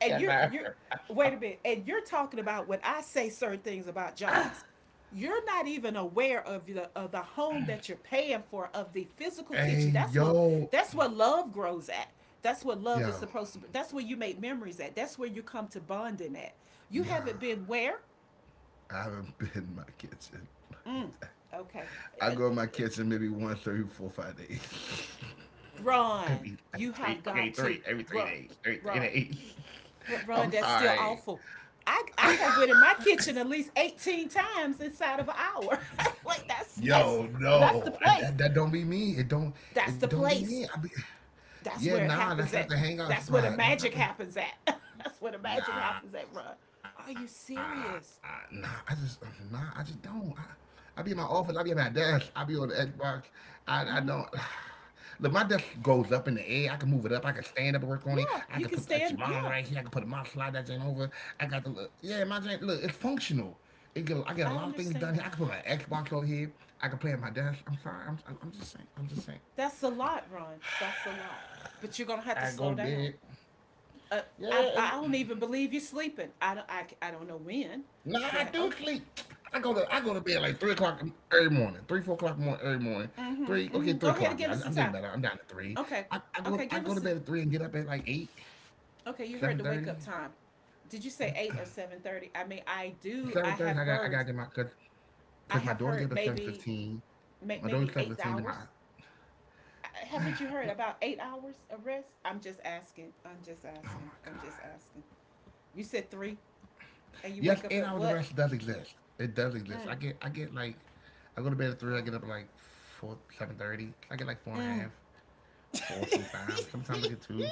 Speaker 2: And
Speaker 1: yeah,
Speaker 2: you're
Speaker 1: nah.
Speaker 2: you're wait a minute, and you're talking about when I say certain things about jobs, you're not even aware of the of the home that you're paying for, of the physical kitchen.
Speaker 1: Hey
Speaker 2: That's what
Speaker 1: yo,
Speaker 2: that's what love grows at. That's what love is
Speaker 1: yo,
Speaker 2: supposed to be. That's where you make memories at. That's where you come to bonding at. You
Speaker 1: yeah.
Speaker 2: haven't been where?
Speaker 1: I haven't been in my kitchen like that.
Speaker 2: Okay.
Speaker 1: I
Speaker 2: Uh,
Speaker 1: go in my kitchen maybe once every four or five days. <laughs>
Speaker 2: run.
Speaker 1: every
Speaker 2: You
Speaker 1: like three,
Speaker 2: have
Speaker 1: okay,
Speaker 2: got to
Speaker 1: three every three
Speaker 2: run,
Speaker 1: days, every three
Speaker 2: run.
Speaker 1: days.
Speaker 2: But
Speaker 1: <laughs>
Speaker 2: Ron,
Speaker 1: I'm
Speaker 2: that's still
Speaker 1: sorry,
Speaker 2: awful. I I have went in my kitchen at least eighteen times inside of an hour. <laughs> Like that's that's
Speaker 1: yo,
Speaker 2: that's the
Speaker 1: no, I,
Speaker 2: place.
Speaker 1: that, that don't be me. It don't,
Speaker 2: That's
Speaker 1: it
Speaker 2: the
Speaker 1: don't be
Speaker 2: place.
Speaker 1: me. I be,
Speaker 2: That's
Speaker 1: yeah,
Speaker 2: where it
Speaker 1: nah, that's
Speaker 2: happens
Speaker 1: not
Speaker 2: at.
Speaker 1: the hangout
Speaker 2: That's where the
Speaker 1: spot. That's
Speaker 2: magic
Speaker 1: not the.
Speaker 2: happens at. <laughs> That's where the magic
Speaker 1: Nah,
Speaker 2: happens at, Ron.
Speaker 1: nah. I
Speaker 2: Are
Speaker 1: just
Speaker 2: you
Speaker 1: nah. I just
Speaker 2: serious?
Speaker 1: don't. I, I be in my office. I be at my desk. I be on the Xbox. I I don't. <sighs> Look, my desk goes up in the air. I can move it up. I can stand up and work on it. I can put the extra
Speaker 2: Yeah,
Speaker 1: monitor
Speaker 2: you
Speaker 1: right
Speaker 2: can
Speaker 1: here. I can put
Speaker 2: stand.
Speaker 1: a mouse
Speaker 2: Yeah,
Speaker 1: slide that ain't over. I got the look. Yeah, my joint. Look, it's functional. It get, I get a lot of things
Speaker 2: I
Speaker 1: done here. I can put my
Speaker 2: understand.
Speaker 1: Xbox over here. I can play at my desk. I'm sorry. I'm I'm I'm just saying. I'm just saying.
Speaker 2: That's a lot, Ron. That's a lot. But you're gonna have to slow
Speaker 1: I go
Speaker 2: down.
Speaker 1: to bed.
Speaker 2: Uh, I I don't
Speaker 1: Yeah, it's,
Speaker 2: even believe you're sleeping. I don't I, I don't know
Speaker 1: Nah,
Speaker 2: when,
Speaker 1: I do
Speaker 2: but
Speaker 1: sleep.
Speaker 2: okay.
Speaker 1: I go to I go to bed like three o'clock every morning, three four o'clock morning every morning.
Speaker 2: Mhm.
Speaker 1: Three okay,
Speaker 2: Mhm.
Speaker 1: three
Speaker 2: Go ahead
Speaker 1: o'clock.
Speaker 2: and
Speaker 1: Yeah,
Speaker 2: give us
Speaker 1: I'm
Speaker 2: the
Speaker 1: getting
Speaker 2: time.
Speaker 1: better. I'm down to three.
Speaker 2: Okay.
Speaker 1: I, I
Speaker 2: Okay.
Speaker 1: go I
Speaker 2: Give us
Speaker 1: go to
Speaker 2: the.
Speaker 1: bed at three and get up at like eight,
Speaker 2: Okay. You heard the wake
Speaker 1: seven
Speaker 2: up
Speaker 1: thirty,
Speaker 2: time. Did you say eight or seven thirty? I mean, I do. I have
Speaker 1: seven
Speaker 2: heard.
Speaker 1: thirty. I got I gotta get my cause,
Speaker 2: I have heard
Speaker 1: cause my daughter
Speaker 2: maybe,
Speaker 1: get up at seven
Speaker 2: may,
Speaker 1: fifteen.
Speaker 2: maybe eight
Speaker 1: My daughter's
Speaker 2: hours.
Speaker 1: seven fifteen. To my
Speaker 2: Uh, Haven't you heard about eight hours of rest? I'm just asking.
Speaker 1: oh
Speaker 2: I'm just
Speaker 1: my god.
Speaker 2: asking. I'm just asking. You said three, and
Speaker 1: Yes,
Speaker 2: you
Speaker 1: eight
Speaker 2: wake up
Speaker 1: hours
Speaker 2: at
Speaker 1: of rest
Speaker 2: what?
Speaker 1: does exist. It does exist.
Speaker 2: Mm.
Speaker 1: I get I get like I go to bed at three. I
Speaker 2: Oh.
Speaker 1: get up at like four seven thirty. I get like four and a
Speaker 2: Mm.
Speaker 1: half, four sometimes. Sometimes I
Speaker 2: <laughs>
Speaker 1: get two.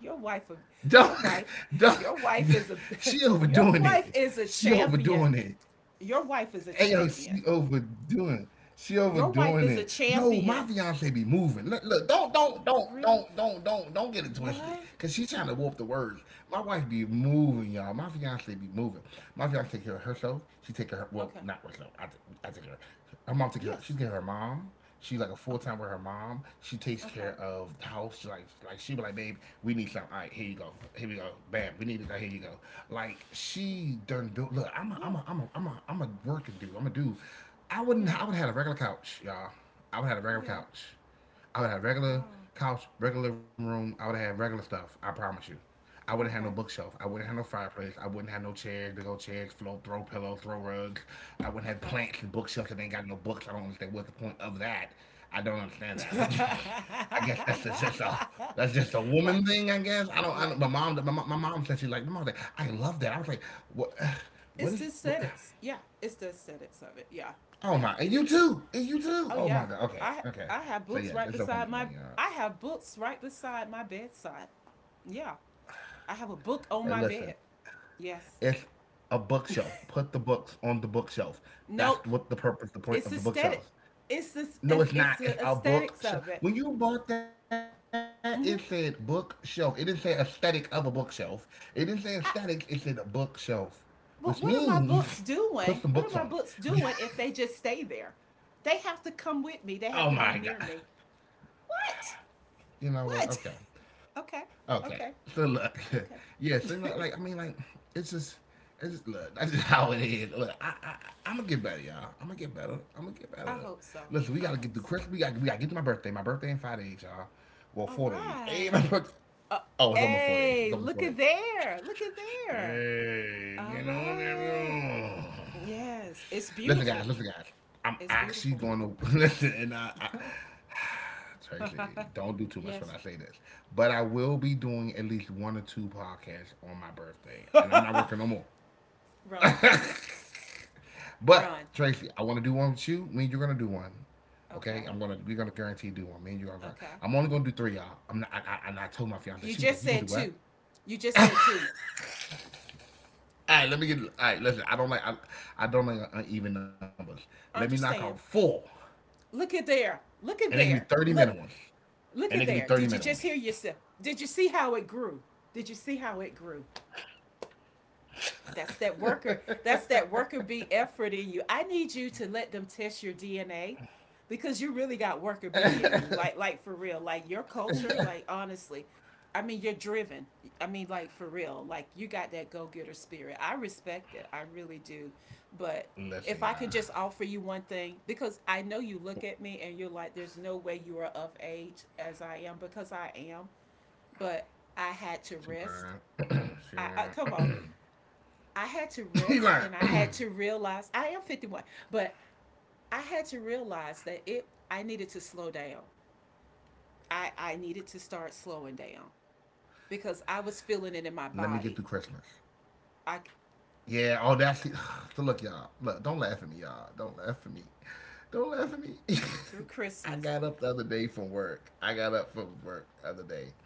Speaker 2: your wife
Speaker 1: Don't,
Speaker 2: your wife
Speaker 1: don't,
Speaker 2: your wife is a
Speaker 1: she
Speaker 2: <laughs> your
Speaker 1: overdoing
Speaker 2: wife
Speaker 1: it.
Speaker 2: is a
Speaker 1: She
Speaker 2: champion
Speaker 1: overdoing it.
Speaker 2: your wife is a
Speaker 1: Ayo,
Speaker 2: champion
Speaker 1: she overdoing. She
Speaker 2: your wife
Speaker 1: overdoing
Speaker 2: is a
Speaker 1: it. No, my
Speaker 2: champion
Speaker 1: fiance be moving. Look, look, don't, don't, don't,
Speaker 2: Really?
Speaker 1: don't, don't, don't, don't get it twisted.
Speaker 2: What?
Speaker 1: Cause she trying to warp the words. My wife be moving, y'all. My fiance be moving. My fiance take care of herself. She take care of her, well,
Speaker 2: Okay.
Speaker 1: not herself. I, t- I take care of her. Her mom take care of her.
Speaker 2: Yes.
Speaker 1: She's care of her mom. She's like a full
Speaker 2: Okay,
Speaker 1: time with her mom. She takes care
Speaker 2: okay,
Speaker 1: of the house. She like like she be like, babe, we need something. All right, here you go. Here we go. Bam, we need it. Here you go. Like
Speaker 2: okay,
Speaker 1: she done built. Look, I'm a
Speaker 2: yeah,
Speaker 1: I'm a I'm a I'm a I'm a working dude. I'm a dude. I wouldn't.
Speaker 2: yeah,
Speaker 1: I would have had a regular couch, y'all. I would have had a regular
Speaker 2: yeah,
Speaker 1: couch. I would have regular
Speaker 2: wow,
Speaker 1: couch, regular living room. I would have regular stuff. I promise you. I wouldn't have no
Speaker 2: okay,
Speaker 1: bookshelf. I wouldn't have no fireplace. I wouldn't have no chairs, big old chairs, float, throw pillows, throw rugs. I wouldn't have
Speaker 2: okay.
Speaker 1: plants and bookshelves that ain't got no books. I don't understand what the point of that. I don't understand that. But <laughs> I guess that's just just a that's just a
Speaker 2: <laughs> like
Speaker 1: woman thing. I guess I don't. I don't
Speaker 2: like
Speaker 1: my mom, my, mom- my mom said she like my mom said I love that. I was like, what? <sighs>
Speaker 2: it's
Speaker 1: What is?
Speaker 2: the
Speaker 1: What?
Speaker 2: aesthetics. Yeah, it's the aesthetics of it. Yeah,
Speaker 1: Oh
Speaker 2: yeah,
Speaker 1: my! And
Speaker 2: it
Speaker 1: you
Speaker 2: is.
Speaker 1: too. And you too.
Speaker 2: Oh
Speaker 1: Oh
Speaker 2: yeah,
Speaker 1: my god. Okay.
Speaker 2: I
Speaker 1: Okay.
Speaker 2: I have
Speaker 1: So
Speaker 2: books
Speaker 1: yes,
Speaker 2: right
Speaker 1: it's a woman
Speaker 2: beside my
Speaker 1: thing, y'all.
Speaker 2: I have books right beside my bedside. Yeah, I have a book on
Speaker 1: Hey,
Speaker 2: my
Speaker 1: listen,
Speaker 2: bed. Yes.
Speaker 1: it's a bookshelf. Put the books on the bookshelf. That's
Speaker 2: Nope.
Speaker 1: what the purpose, the point
Speaker 2: It's
Speaker 1: of the
Speaker 2: aesthetic.
Speaker 1: bookshelf.
Speaker 2: It's the
Speaker 1: No,
Speaker 2: it's
Speaker 1: it's
Speaker 2: it's
Speaker 1: not. It's
Speaker 2: the
Speaker 1: a
Speaker 2: aesthetics
Speaker 1: bookshelf.
Speaker 2: of it.
Speaker 1: When you bought that, it said
Speaker 2: Mhm.
Speaker 1: bookshelf. It didn't say aesthetic of a bookshelf. It didn't say aesthetic. It said a
Speaker 2: I-
Speaker 1: bookshelf, which
Speaker 2: But
Speaker 1: means
Speaker 2: what are my
Speaker 1: <laughs>
Speaker 2: books
Speaker 1: put some books
Speaker 2: doing?
Speaker 1: on
Speaker 2: What are my
Speaker 1: it.
Speaker 2: books doing if they just stay there? They have to come with me. They
Speaker 1: <laughs>
Speaker 2: have to
Speaker 1: Oh
Speaker 2: be
Speaker 1: my
Speaker 2: near me.
Speaker 1: god.
Speaker 2: What?
Speaker 1: You
Speaker 2: What?
Speaker 1: know what? Okay.
Speaker 2: <laughs> Okay.
Speaker 1: Okay.
Speaker 2: Okay.
Speaker 1: So look, <laughs> yes, and like,
Speaker 2: Okay.
Speaker 1: like,
Speaker 2: <laughs>
Speaker 1: I mean, like, it's just, it's just look. That's just <laughs> how it is. Look, I, I, I'm gonna get better, y'all. I'm gonna get better. I'm gonna get
Speaker 2: I
Speaker 1: better.
Speaker 2: hope so.
Speaker 1: Listen, we
Speaker 2: I
Speaker 1: gotta get
Speaker 2: hope
Speaker 1: through
Speaker 2: so.
Speaker 1: Christmas. We got, to we gotta get through my birthday. My birthday in five days, y'all. Well,
Speaker 2: All
Speaker 1: four days. Hey,
Speaker 2: right.
Speaker 1: my birthday.
Speaker 2: Uh,
Speaker 1: Oh, it's almost four days. It's
Speaker 2: hey,
Speaker 1: almost
Speaker 2: look
Speaker 1: four days.
Speaker 2: at there. Look at there.
Speaker 1: Hey,
Speaker 2: All
Speaker 1: you know
Speaker 2: right.
Speaker 1: that.
Speaker 2: Yes, it's
Speaker 1: Listen, guys.
Speaker 2: beautiful.
Speaker 1: Listen, guys. I'm
Speaker 2: It's
Speaker 1: actually
Speaker 2: beautiful.
Speaker 1: going to <laughs> listen, and I, I seriously, don't do too much when
Speaker 2: Yes.
Speaker 1: I say this. But I will be doing at least one or two podcasts on my birthday,
Speaker 2: <laughs>
Speaker 1: and I'm not
Speaker 2: Run.
Speaker 1: working no more.
Speaker 2: Run.
Speaker 1: But Tracy, I want to do one with you. Me and you're gonna do one. Okay,
Speaker 2: Okay.
Speaker 1: I'm gonna we're gonna guarantee do one. Me and you're gonna.
Speaker 2: Okay.
Speaker 1: I'm only gonna do three, y'all. I'm not. I, I, and I told my fiance,
Speaker 2: You
Speaker 1: she was
Speaker 2: just
Speaker 1: like, "You gonna do
Speaker 2: said
Speaker 1: what?"
Speaker 2: two. You just said two.
Speaker 1: All right, let me get. All right, listen. I don't like. I, I don't like uneven numbers. Let me knock out
Speaker 2: Understand.
Speaker 1: four,
Speaker 2: Look at there. Look
Speaker 1: and they
Speaker 2: at
Speaker 1: can be
Speaker 2: there.
Speaker 1: thirty minute
Speaker 2: Look.
Speaker 1: ones, and
Speaker 2: Look
Speaker 1: they can
Speaker 2: at
Speaker 1: be
Speaker 2: there.
Speaker 1: 30
Speaker 2: Did
Speaker 1: minute
Speaker 2: you
Speaker 1: ones.
Speaker 2: just hear yourself? Did you see how it grew? Did you see how it grew? That's that worker. That's that worker bee effort in you. I need you to let them test your D N A because you really got worker bee in you. Like like for real. Like your culture, like honestly. I mean, you're driven. I mean, like for real. Like you got that go-getter spirit. I respect it. I really do. But
Speaker 1: Listen,
Speaker 2: if
Speaker 1: y'all.
Speaker 2: I could just offer you one thing, because I know you look at me and you're like, there's no way you are of age as I am, because I am, but I had to
Speaker 1: She
Speaker 2: rest.
Speaker 1: lying. <clears throat> She
Speaker 2: I, I come on,
Speaker 1: lying.
Speaker 2: I had to
Speaker 1: <clears throat> She
Speaker 2: rest
Speaker 1: lying.
Speaker 2: and I had to realize I am fifty-one, but I had to realize that it I needed to slow down. I I needed to start slowing down because I was feeling it in
Speaker 1: Let me
Speaker 2: my
Speaker 1: get through
Speaker 2: body.
Speaker 1: Christmas.
Speaker 2: I
Speaker 1: Yeah, oh, that's the, <sighs> so look, y'all. Look, don't laugh at me, y'all. Don't laugh at me. Don't laugh at me.
Speaker 2: through
Speaker 1: <laughs> I
Speaker 2: Christmas.
Speaker 1: got up the other day from work. I got up from work the other day.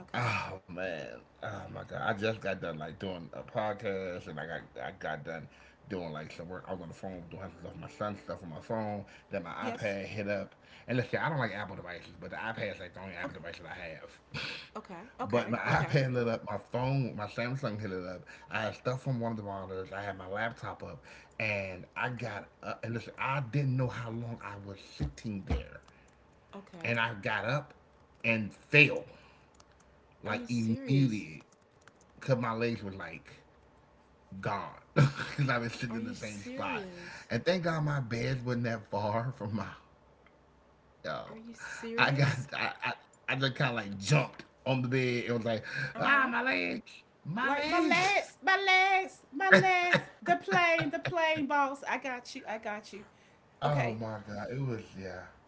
Speaker 2: Okay.
Speaker 1: Oh man, oh my god! I just got done like doing a podcast, and I got I got done doing like some work. I was on the phone doing some stuff, my son's stuff on my phone. Then my
Speaker 2: Yes.
Speaker 1: iPad hit up, and listen, I don't like Apple devices, but the iPad is like the only Apple
Speaker 2: Okay.
Speaker 1: device that I have. <laughs>
Speaker 2: Okay.
Speaker 1: But my
Speaker 2: Okay. Okay.
Speaker 1: iPad lit up, my phone, my Samsung hit it up. I had stuff from one of the monitors. I had my laptop up, and I
Speaker 2: Okay.
Speaker 1: got up. And listen, I didn't know how long I was sitting there,
Speaker 2: Okay.
Speaker 1: and I got up and fell
Speaker 2: Are
Speaker 1: like
Speaker 2: you serious?
Speaker 1: immediate, cause my legs were like gone, <laughs> cause I've been sitting in
Speaker 2: Are
Speaker 1: the
Speaker 2: you
Speaker 1: same spot.
Speaker 2: serious?
Speaker 1: And thank God my beds wasn't that far from my. Yo,
Speaker 2: Are you
Speaker 1: I got
Speaker 2: serious?
Speaker 1: I I, I just kind of like jumped on the bed. It was like ah
Speaker 2: Uh-huh.
Speaker 1: my leg, my
Speaker 2: Like my legs,
Speaker 1: legs.
Speaker 2: my legs, my legs. The plane, the plane, boss. I got you. I got you. Okay,
Speaker 1: Oh my God, it was yeah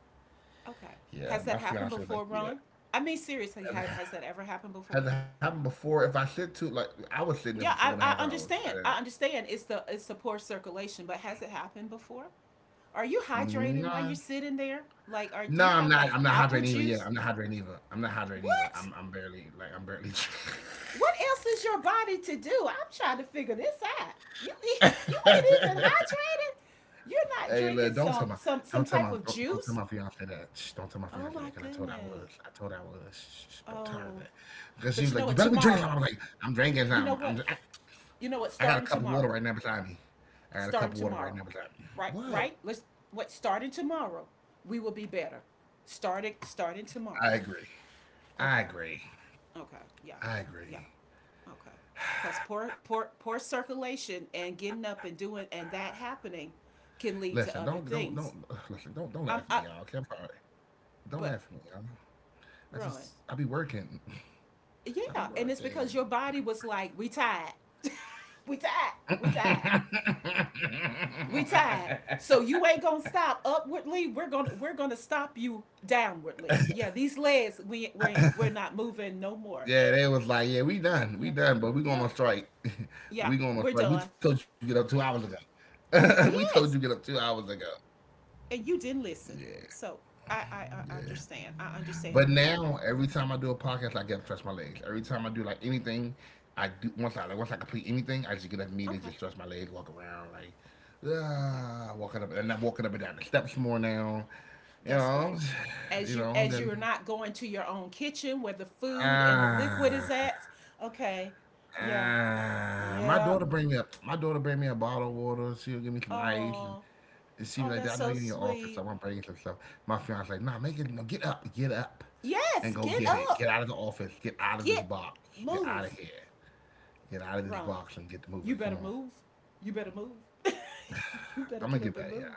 Speaker 2: okay. Has that
Speaker 1: yeah. My
Speaker 2: happened
Speaker 1: fiance
Speaker 2: before,
Speaker 1: was like
Speaker 2: Ron?
Speaker 1: yeah.
Speaker 2: I mean, seriously, has,
Speaker 1: Has
Speaker 2: has
Speaker 1: it
Speaker 2: that ever happened before?
Speaker 1: has it happened before? If I sit too, like, I was sitting there
Speaker 2: Yeah,
Speaker 1: for four
Speaker 2: I,
Speaker 1: and a half
Speaker 2: I
Speaker 1: hours. I,
Speaker 2: understand. I understand. It's the it's the poor circulation, but has it happened before? Are you hydrating while
Speaker 1: nah.
Speaker 2: you're sitting there? Like, or do
Speaker 1: No,
Speaker 2: you
Speaker 1: I'm
Speaker 2: have
Speaker 1: not.
Speaker 2: like
Speaker 1: I'm not
Speaker 2: apple
Speaker 1: hydrating either. Yeah,
Speaker 2: juice?
Speaker 1: I'm not hydrating either. I'm not hydrating either.
Speaker 2: What?
Speaker 1: I'm, I'm barely like I'm barely.
Speaker 2: What else is your body to do? I'm trying to figure this out. You <laughs> you ain't even hydrated. You're
Speaker 1: <laughs>
Speaker 2: not
Speaker 1: Hey,
Speaker 2: drinking
Speaker 1: look, don't tell
Speaker 2: some
Speaker 1: my
Speaker 2: some some
Speaker 1: don't tell my
Speaker 2: type of
Speaker 1: don't, don't tell
Speaker 2: juice.
Speaker 1: my fiance that. Shh, don't tell my
Speaker 2: Oh
Speaker 1: fiance that
Speaker 2: my
Speaker 1: because I told her I was.
Speaker 2: goodness.
Speaker 1: I told her I was. Shh, shh, shh, don't tell her
Speaker 2: Oh,
Speaker 1: that because she
Speaker 2: but
Speaker 1: was
Speaker 2: you know
Speaker 1: like, "You
Speaker 2: what?
Speaker 1: better be drinking."
Speaker 2: Tomorrow,
Speaker 1: something." I was like, "I'm drinking
Speaker 2: you know
Speaker 1: something.
Speaker 2: what?
Speaker 1: I'm. I,
Speaker 2: You know what?
Speaker 1: I got a
Speaker 2: Starting
Speaker 1: cup of water
Speaker 2: tomorrow,
Speaker 1: right now beside me. I got a cup
Speaker 2: starting
Speaker 1: of water right
Speaker 2: tomorrow,
Speaker 1: now beside me.
Speaker 2: right?
Speaker 1: What?
Speaker 2: Right? Let's what? Starting tomorrow, we will be better. Starting starting
Speaker 1: I
Speaker 2: tomorrow.
Speaker 1: agree. I
Speaker 2: Okay.
Speaker 1: agree.
Speaker 2: Okay, yeah,
Speaker 1: I
Speaker 2: yeah,
Speaker 1: agree.
Speaker 2: okay. Because poor, poor, poor circulation and getting
Speaker 1: Listen,
Speaker 2: up and
Speaker 1: don't
Speaker 2: doing
Speaker 1: don't
Speaker 2: and
Speaker 1: don't
Speaker 2: that
Speaker 1: <sighs> listen.
Speaker 2: happening
Speaker 1: Don't don't laugh at
Speaker 2: can
Speaker 1: me,
Speaker 2: lead
Speaker 1: y'all.
Speaker 2: to
Speaker 1: Okay, I'm
Speaker 2: other
Speaker 1: sorry.
Speaker 2: things. I'm, I,
Speaker 1: Don't laugh at me, y'all.
Speaker 2: but
Speaker 1: I just I be
Speaker 2: run,
Speaker 1: working. I be
Speaker 2: yeah,
Speaker 1: working.
Speaker 2: and it's because your body was like, we tired, <laughs> we tired,
Speaker 1: <laughs> I
Speaker 2: we
Speaker 1: be
Speaker 2: tired, we tired.
Speaker 1: working. <laughs>
Speaker 2: So you ain't gonna stop upwardly. We're gonna we're gonna stop you downwardly. Yeah, these legs we we we're not moving no more.
Speaker 1: Yeah, they was like, yeah, we done, we
Speaker 2: Yeah,
Speaker 1: done, but we going
Speaker 2: yeah,
Speaker 1: on strike. <laughs>
Speaker 2: yeah.
Speaker 1: We going on
Speaker 2: We're
Speaker 1: strike. We
Speaker 2: done.
Speaker 1: told you get up two hours ago. <laughs> We told
Speaker 2: Yes,
Speaker 1: you get up two hours ago.
Speaker 2: and you didn't listen.
Speaker 1: Yeah,
Speaker 2: So I, I, I
Speaker 1: yeah.
Speaker 2: understand. I understand.
Speaker 1: But now, every time I do a podcast, like, I get up, and stretch my legs. Every time I do like anything, I do once I like once I complete anything, I just get up immediately,
Speaker 2: Okay,
Speaker 1: just stretch my legs, walk around, like
Speaker 2: okay,
Speaker 1: ah, walking up, and I'm walking up and down the steps more now. You
Speaker 2: that's
Speaker 1: know,
Speaker 2: great.
Speaker 1: <sighs>
Speaker 2: As
Speaker 1: you
Speaker 2: you
Speaker 1: know, and
Speaker 2: as you are
Speaker 1: then
Speaker 2: not going to your own kitchen where the food and the liquid is
Speaker 1: ah,
Speaker 2: at. Okay, yeah,
Speaker 1: ah, my
Speaker 2: yeah.
Speaker 1: daughter bring me up. My daughter bring me a bottle of water. She'll give me some ice, and
Speaker 2: Oh,
Speaker 1: And she was
Speaker 2: oh,
Speaker 1: like,
Speaker 2: that's
Speaker 1: I know
Speaker 2: so
Speaker 1: you in your office, I
Speaker 2: sweet.
Speaker 1: like my brain's some stuff. My fiance's like, nah, make it, no, get up, get up and
Speaker 2: Yes,
Speaker 1: go
Speaker 2: get
Speaker 1: get it. Get
Speaker 2: up,
Speaker 1: out of the office, get out of this
Speaker 2: get,
Speaker 1: box, get out
Speaker 2: move,
Speaker 1: of here, get out of this
Speaker 2: run.
Speaker 1: box and get the movie.
Speaker 2: You
Speaker 1: Come
Speaker 2: better
Speaker 1: on.
Speaker 2: move. You better move. <laughs> You better
Speaker 1: I'm
Speaker 2: get
Speaker 1: gonna
Speaker 2: up
Speaker 1: get
Speaker 2: and
Speaker 1: better, y'all.
Speaker 2: move.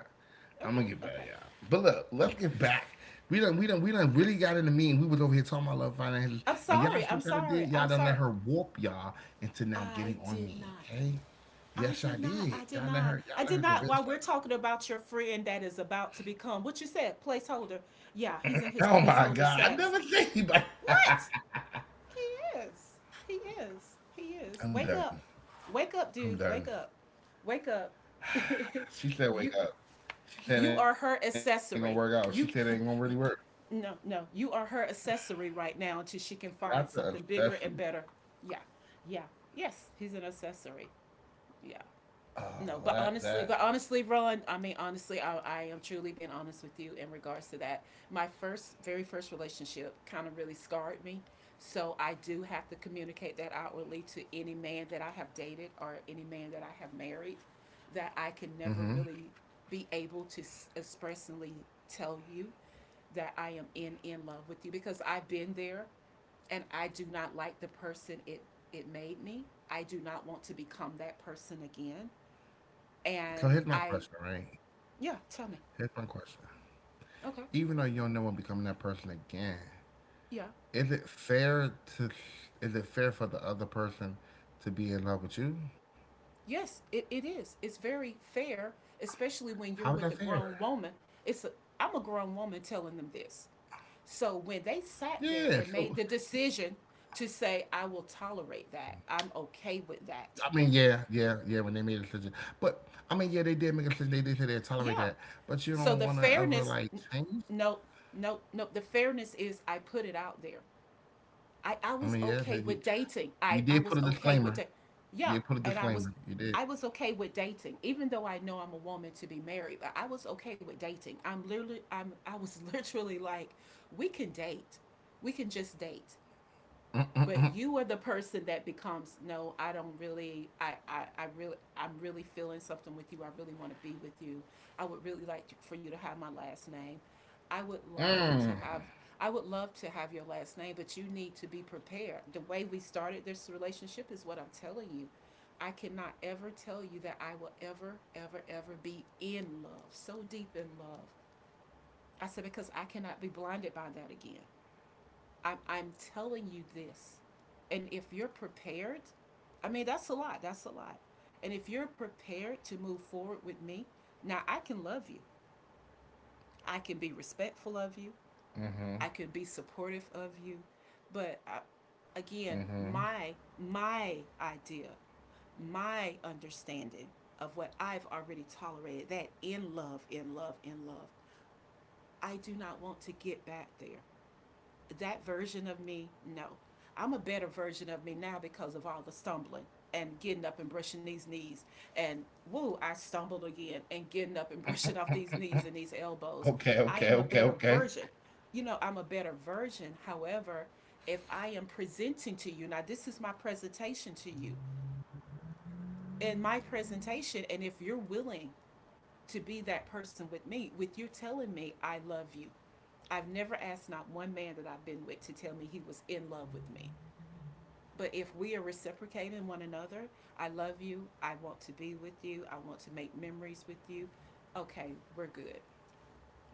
Speaker 1: I'm
Speaker 2: Okay,
Speaker 1: gonna get better,
Speaker 2: okay,
Speaker 1: y'all. But look, let's
Speaker 2: okay.
Speaker 1: get back. We done, we done, we done really got in the mean. We was over here talking about love finances,
Speaker 2: I'm
Speaker 1: and y'all
Speaker 2: sorry. I'm
Speaker 1: see what I
Speaker 2: sorry.
Speaker 1: did? Y'all
Speaker 2: I'm
Speaker 1: done let
Speaker 2: sorry.
Speaker 1: her warp y'all into now
Speaker 2: I
Speaker 1: getting on
Speaker 2: did
Speaker 1: me,
Speaker 2: not.
Speaker 1: okay?
Speaker 2: I
Speaker 1: Yes,
Speaker 2: did
Speaker 1: I
Speaker 2: not.
Speaker 1: did.
Speaker 2: I did
Speaker 1: Y'all let
Speaker 2: not.
Speaker 1: her,
Speaker 2: I
Speaker 1: y'all let
Speaker 2: did
Speaker 1: her
Speaker 2: not. While
Speaker 1: convince her.
Speaker 2: we're
Speaker 1: <laughs>
Speaker 2: talking about your friend that is about to become what you said, placeholder. Yeah, he's in his
Speaker 1: Oh my
Speaker 2: placeholder
Speaker 1: God, I
Speaker 2: status.
Speaker 1: never seen anybody. <laughs>
Speaker 2: What? He is. He is. He is.
Speaker 1: I'm
Speaker 2: Wake
Speaker 1: done.
Speaker 2: up. Wake up,
Speaker 1: I'm
Speaker 2: dude.
Speaker 1: done.
Speaker 2: Wake up. Wake up.
Speaker 1: She said,
Speaker 2: <laughs>
Speaker 1: wake
Speaker 2: you
Speaker 1: up. She said, it ain't
Speaker 2: you
Speaker 1: gonna
Speaker 2: are
Speaker 1: work
Speaker 2: her
Speaker 1: out. She said, it ain't gonna
Speaker 2: accessory.
Speaker 1: really work.
Speaker 2: You <laughs> no, no. You are her accessory right now
Speaker 1: Not
Speaker 2: until
Speaker 1: the
Speaker 2: she can find
Speaker 1: obsessively.
Speaker 2: something bigger and better. Yeah. Yeah. Yes, he's an accessory yeah
Speaker 1: Oh,
Speaker 2: no, but
Speaker 1: that, that.
Speaker 2: honestly, but honestly, Roland, I mean, honestly, I, I am truly being honest with you in regards to that. My first, very first relationship kind of really scarred me. So I do have to communicate that outwardly to any man that I have dated or any man that I have married that I can never
Speaker 1: Mm-hmm.
Speaker 2: really be able to expressly tell you that I am in in love with you because I've been there and I do not like the person it it made me. I do not want to become that person again. And
Speaker 1: So here's my
Speaker 2: I,
Speaker 1: question, right?
Speaker 2: yeah, tell me.
Speaker 1: Here's my question.
Speaker 2: Okay.
Speaker 1: Even though you'll never become that person again,
Speaker 2: Yeah.
Speaker 1: is it fair to, is it fair for the other person to be in love with you?
Speaker 2: Yes, it, it is. It's very fair, especially when you're
Speaker 1: How is
Speaker 2: with a
Speaker 1: that fair?
Speaker 2: grown woman. It's a, I'm a grown woman telling them this. So when they sat
Speaker 1: Yeah.
Speaker 2: there and
Speaker 1: So,
Speaker 2: made the decision to say, I will tolerate that, I'm okay with that.
Speaker 1: I mean, yeah, yeah, yeah, when they made a decision. But, I mean, yeah, they did make a decision. They did say they tolerate
Speaker 2: Yeah.
Speaker 1: that. But you
Speaker 2: So
Speaker 1: don't
Speaker 2: the
Speaker 1: want to ever,
Speaker 2: fairness,
Speaker 1: like, change?
Speaker 2: no, no, no, the fairness is I put it out there. I, I
Speaker 1: I
Speaker 2: was
Speaker 1: mean, yeah,
Speaker 2: okay
Speaker 1: like,
Speaker 2: with dating.
Speaker 1: you
Speaker 2: I, I
Speaker 1: did put
Speaker 2: was
Speaker 1: a
Speaker 2: okay with
Speaker 1: disclaimer.
Speaker 2: da-
Speaker 1: You
Speaker 2: yeah,
Speaker 1: did put a
Speaker 2: and I was
Speaker 1: disclaimer. You did.
Speaker 2: I was okay with dating, even though I know I'm a woman to be married, but I was okay with dating. I'm literally I'm I was <laughs> literally like, we can date. We can just date,
Speaker 1: Mm, mm,
Speaker 2: but
Speaker 1: mm,
Speaker 2: you are the person that becomes, no, I don't really, i i, I really, I'm really feeling something with you. I really want to be with you. I would really like for you to have my last name. i would love
Speaker 1: mm.
Speaker 2: to have I would love to have your last name, but you need to be prepared. The way we started this relationship is what I'm telling you. I cannot ever tell you that I will ever, ever, ever be in love, so deep in love. I said, because I cannot be blinded by that again. I'm, I'm telling you this. And if you're prepared, I mean, that's a lot. That's a lot. And if you're prepared to move forward with me, now I can love you. I can be respectful of you.
Speaker 1: Mhm.
Speaker 2: I can be supportive of you. But I,
Speaker 1: Mhm.
Speaker 2: again, my my idea, my understanding of what I've already tolerated, that in love, in love, in love, I do not want to get back there. That version of me, no. I'm a better version of me now because of all the stumbling and getting up and brushing these knees. And woo, I stumbled again and getting up and <laughs> brushing off these knees and these elbows.
Speaker 1: Okay.
Speaker 2: I
Speaker 1: Okay.
Speaker 2: am a
Speaker 1: Okay.
Speaker 2: better
Speaker 1: Okay.
Speaker 2: version. You know, I'm a better version. However, if I am presenting to you, now this is my presentation to you. In my presentation, and if you're willing to be that person with me, with you telling me I love you. I've never asked not one man that I've been with to tell me he was in love with me. But if we are reciprocating one another, I love you, I want to be with you, I want to make memories with you, okay, we're good.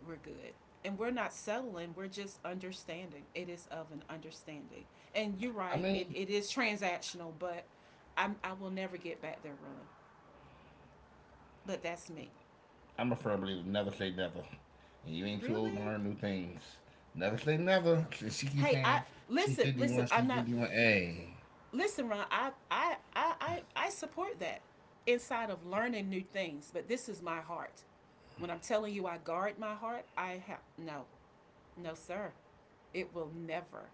Speaker 2: We're good. And we're not settling, we're just understanding. It is of an understanding. And you're
Speaker 1: I
Speaker 2: right, it,
Speaker 1: mean,
Speaker 2: it is transactional, but I'm, I will never get back there, Ron. But that's me.
Speaker 1: I'm a firm believer. Never say never. And you ain't too old to
Speaker 2: Really?
Speaker 1: learn new things. Never say never. Since she keeps
Speaker 2: Hey,
Speaker 1: saying
Speaker 2: I,
Speaker 1: she
Speaker 2: listen,
Speaker 1: fifty-one,
Speaker 2: listen.
Speaker 1: she
Speaker 2: I'm not
Speaker 1: fifty-one. Hey.
Speaker 2: listen, Ron. I I I I, I support that inside of learning new things. But this is my heart. When I'm telling you I guard my heart, I have no, no, sir. It will never